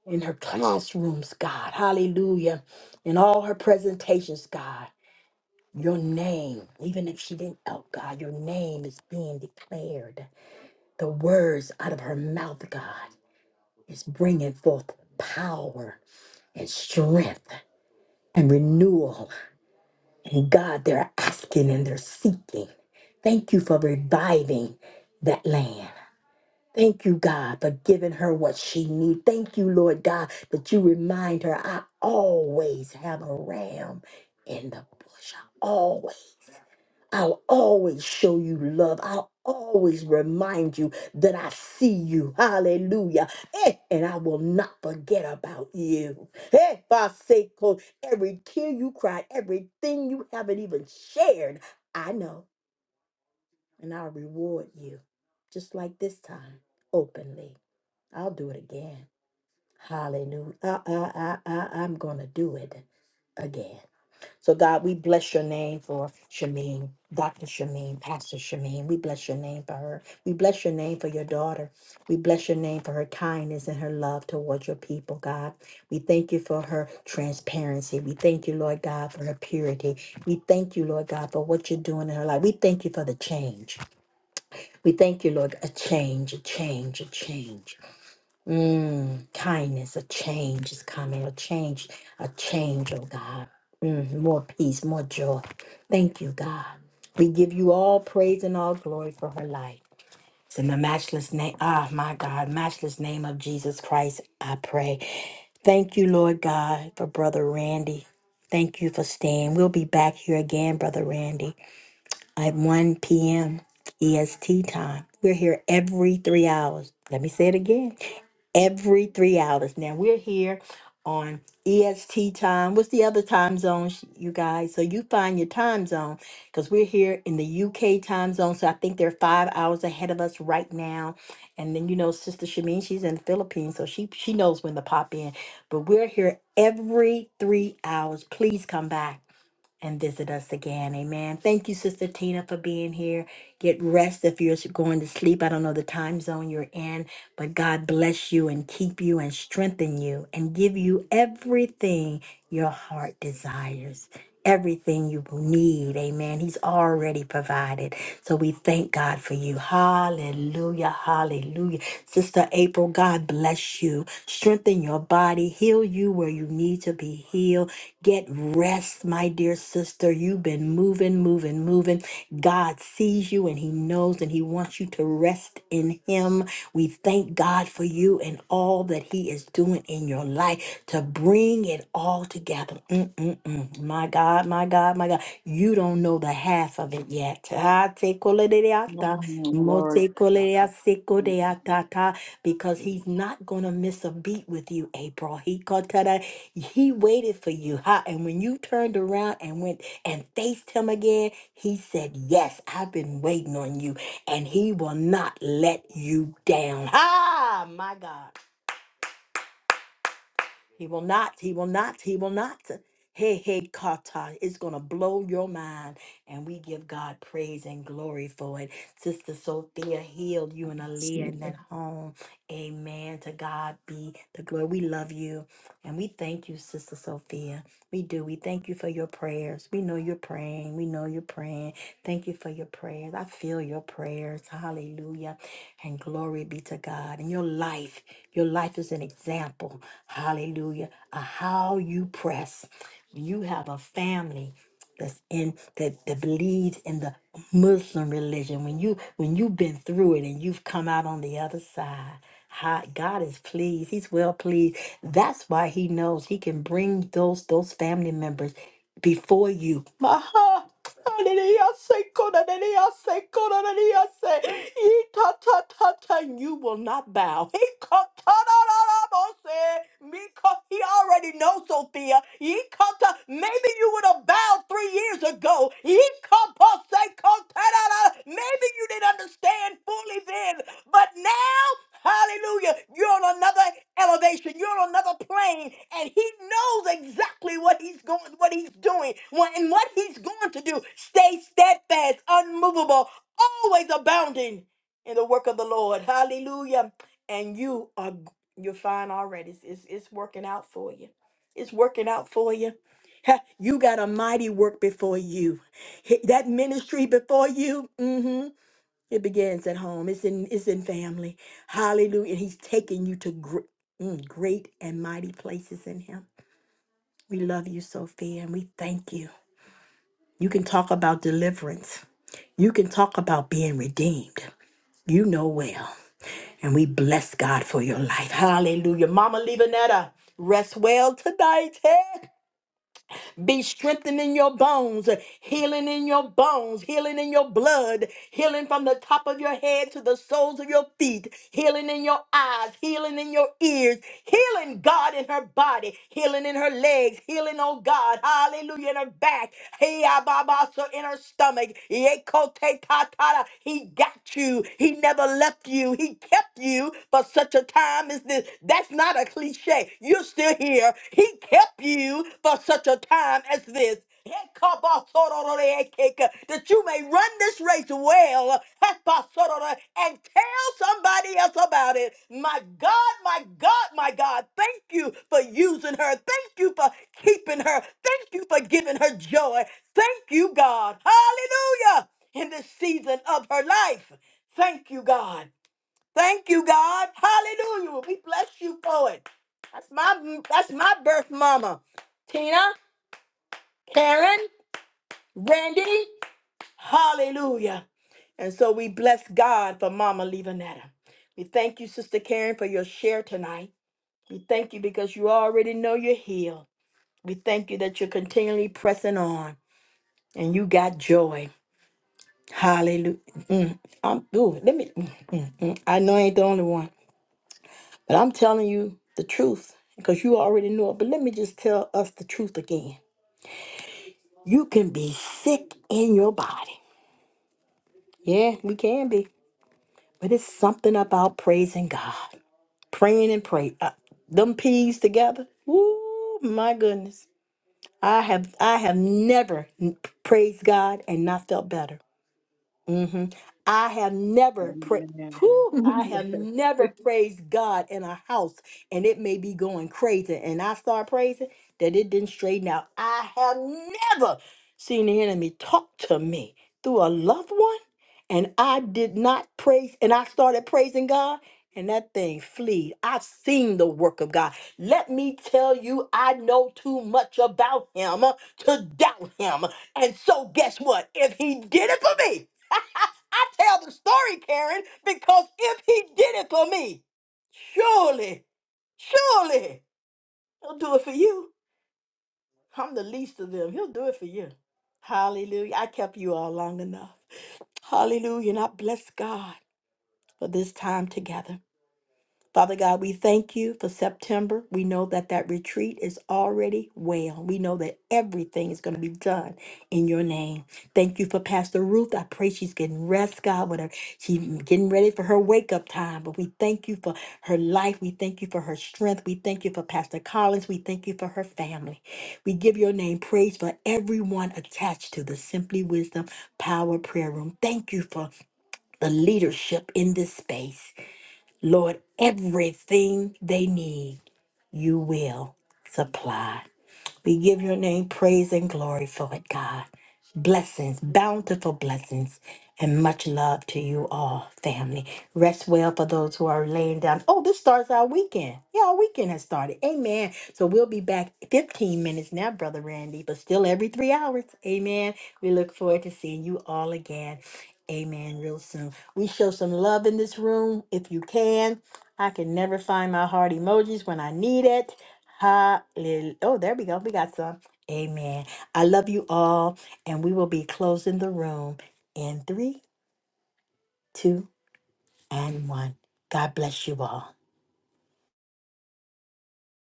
S1: in her classrooms, God. Hallelujah. In all her presentations, God. Your name, even if she didn't out, God, your name is being declared. The words out of her mouth, God, is bringing forth power and strength and renewal And God, they're asking and they're seeking. Thank you for reviving that land. Thank you, God, for giving her what she needs. Thank you, Lord God, that you remind her I always have a ram in the bush. I always. I'll always show you love. I'll always remind you that I see you. Hallelujah. Eh, and I will not forget about you. Eh, Baseko, every tear you cried, everything you haven't even shared, I know. And I'll reward you. Just like this time, openly. I'll do it again. Hallelujah. I, I, I, I, I'm going to do it again. So God, we bless your name for Shameen, Dr. Shameen, Pastor Shameen. We bless your name for her. We bless your name for your daughter. We bless your name for her kindness and her love towards your people, God. We thank you for her transparency. We thank you, Lord God, for her purity. We thank you, Lord God, for what you're doing in her life. We thank you for the change. We thank you, Lord, a change, a change, a change. Mm, kindness, a change is coming, a change, a change, oh God. Mm, more peace, more joy. Thank you, God. We give you all praise and all glory for her life. It's in the matchless name, ah, my God, matchless name of Jesus Christ, I pray. Thank you, Lord God, for Brother Randy. Thank you for staying. We'll be back here again, Brother Randy at 1 p.m. EST time. We're here every three hours. Let me say it again. Every three hours. Now we're here on EST time. What's the other time zone, sh- you guys? So you find your time zone because we're here in the UK time zone. So I think they're five hours ahead of us right now. And then you know, Sister Shamin, she's in the Philippines, so she she knows when to pop in. But we're here every three hours. Please come back and visit us again. Amen. Thank you, Sister Tina, for being here. Get rest if you're going to sleep. I don't know the time zone you're in, but God bless you and keep you and strengthen you and give you everything your heart desires. Everything you need, amen. He's already provided. So we thank God for you. Hallelujah. Hallelujah. Sister April, God bless you. Strengthen your body body, heal you where you need to be healed. Get rest, my dear sister. You've been moving, moving, moving. God sees you and He knows and He wants you to rest in Him. We thank God for you and all that He is doing in your life to bring it all together. Mm-mm-mm. My God, my God, my God. You don't know the half half of it yet. Ah, te kolereata,
S5: Mm,
S1: mo
S5: glory
S1: te
S5: to
S1: kolea se
S5: God.
S1: kodea ta ta, Because he's not going to miss a beat with you, April. He kotara- he waited for you. Ha, and when you turned around and went and faced him again, he said, Yes, I've been waiting on you, and he will not let you down. Ah, my God. He will not. He will not. He will not. Hey, hey, kata. It's going to blow your mind. And we give God praise and glory for it. Sister Sophia healed you and Aaliyah
S5: Receive
S1: in that
S5: it.
S1: home. Amen. To God be the glory. We love you. And we thank you, Sister Sophia. We do. We thank you for your prayers. We know you're praying. We know you're praying. Thank you for your prayers. I feel your prayers. Hallelujah. And glory be to God. And your life, your life is an example. Hallelujah. Of how you press. You have a family that's in that, that believes in the Muslim religion. When you when you've been through it and you've come out on the other side, how God is pleased. He's well pleased. That's why He knows He can bring those those family members before you. Maha. Hallelujah, say, God, hallelujah, say, God, hallelujah. Ee, ta, ta, ta, ta, and You will not bow. Miko, he already knows, Sophia. He come to, maybe you would have bowed three years ago. He come to say, come to- da, da, da. maybe you didn't understand fully then, but now, hallelujah, you're on another elevation. You're on another plane, and he knows exactly what he's going, what he's doing, what- and what he's going to do. Stay steadfast, unmovable, always abounding in the work of the Lord. Hallelujah. And you are you're fine already. It's, it's, it's working out for you. It's working out for you. Ha, You got a mighty work before you. Hit That ministry before you, mm, it begins at home. It's in it's in family. Hallelujah. And he's taking you to gr- mm, great and mighty places in him. We love you, Sophia, and we thank you. You can talk about deliverance. You can talk about being redeemed. You know well. And we bless God for your life. Hallelujah. Mama Levanetta, rest well tonight. Be strengthened in your bones, healing in your bones, healing in your blood, healing from the top of your head to the soles of your feet, healing in your eyes, healing in your ears, healing God in her body, healing in her legs, healing, oh God, hallelujah, in her back, hey, ababa, so in her stomach, yekote tatara. he got you, he never left you, he kept you for such a time as this. That's not a cliche cliche. You're still here. He kept you for such a time as this. That you may run this race well and tell somebody else about it. My God, my God, my God, thank you for using her. Thank you for keeping her. Thank you for giving her joy. Thank you, God. Hallelujah. In this season of her life. Thank you, God. Thank you, God. Hallelujah. We bless you for it. That's my that's my birth mama. Tina, Karen, Randy. Hallelujah. And so we bless God for Mama Levanetta. We thank you, Sister Karen, for your share tonight. We thank you because you already know you're healed. We thank you that you're continually pressing on and you got joy. Hallelujah. Mm, I'm, ooh, let me, mm, mm, mm. I know I ain't the only one. But I'm telling you the truth because you already know it. But let me just tell us the truth again. You can be sick in your body. Yeah, we can be. But it's something about praising God, praying and pray. Uh, them peas together. Ooh, my goodness. I have I have never n- praised God and not felt better. hmm I have never pra-
S5: Amen.
S1: Whew, I have never praised God in a house and it may be going crazy. And I start praising that it didn't straighten out. I have never seen the enemy talk to me through a loved one and I did not praise and I started praising God and that thing fleed. I've seen the work of God. Let me tell you, I know too much about him uh, to doubt him. And so guess what? If he did it for me, I tell the story, Karen, because if he did it for me, surely, surely he'll do it for you. I'm the least of them. He'll do it for you. Hallelujah. I kept you all long enough. Hallelujah. And I bless God for this time together. Father God, we thank you for September. We know that that retreat is already well. We know that everything is going to be done in your name. Thank you for Pastor Ruth. I pray she's getting rest, God, with her. She's getting ready for her wake up time. But we thank you for her life. We thank you for her strength. We thank you for Pastor Collins. We thank you for her family. We give your name praise for everyone attached to the Simply Wisdom Power Prayer Room. Thank you for the leadership in this space. Lord, everything they need, you will supply. We give your name praise and glory for it, God. Blessings, bountiful blessings, and much love to you all, family. Rest well for those who are laying down. Oh, this starts our weekend. Yeah, our weekend has started. Amen. So we'll be back 15 minutes now, Brother Randy, but still every three hours. Amen. We look forward to seeing you all again. Amen. Real soon. We show some love in this room if you can. I can never find my heart emojis when I need it. Hallelujah. Oh, there we go. We got some. Amen. I love you all. And we will be closing the room in three, two, and one. God bless you all.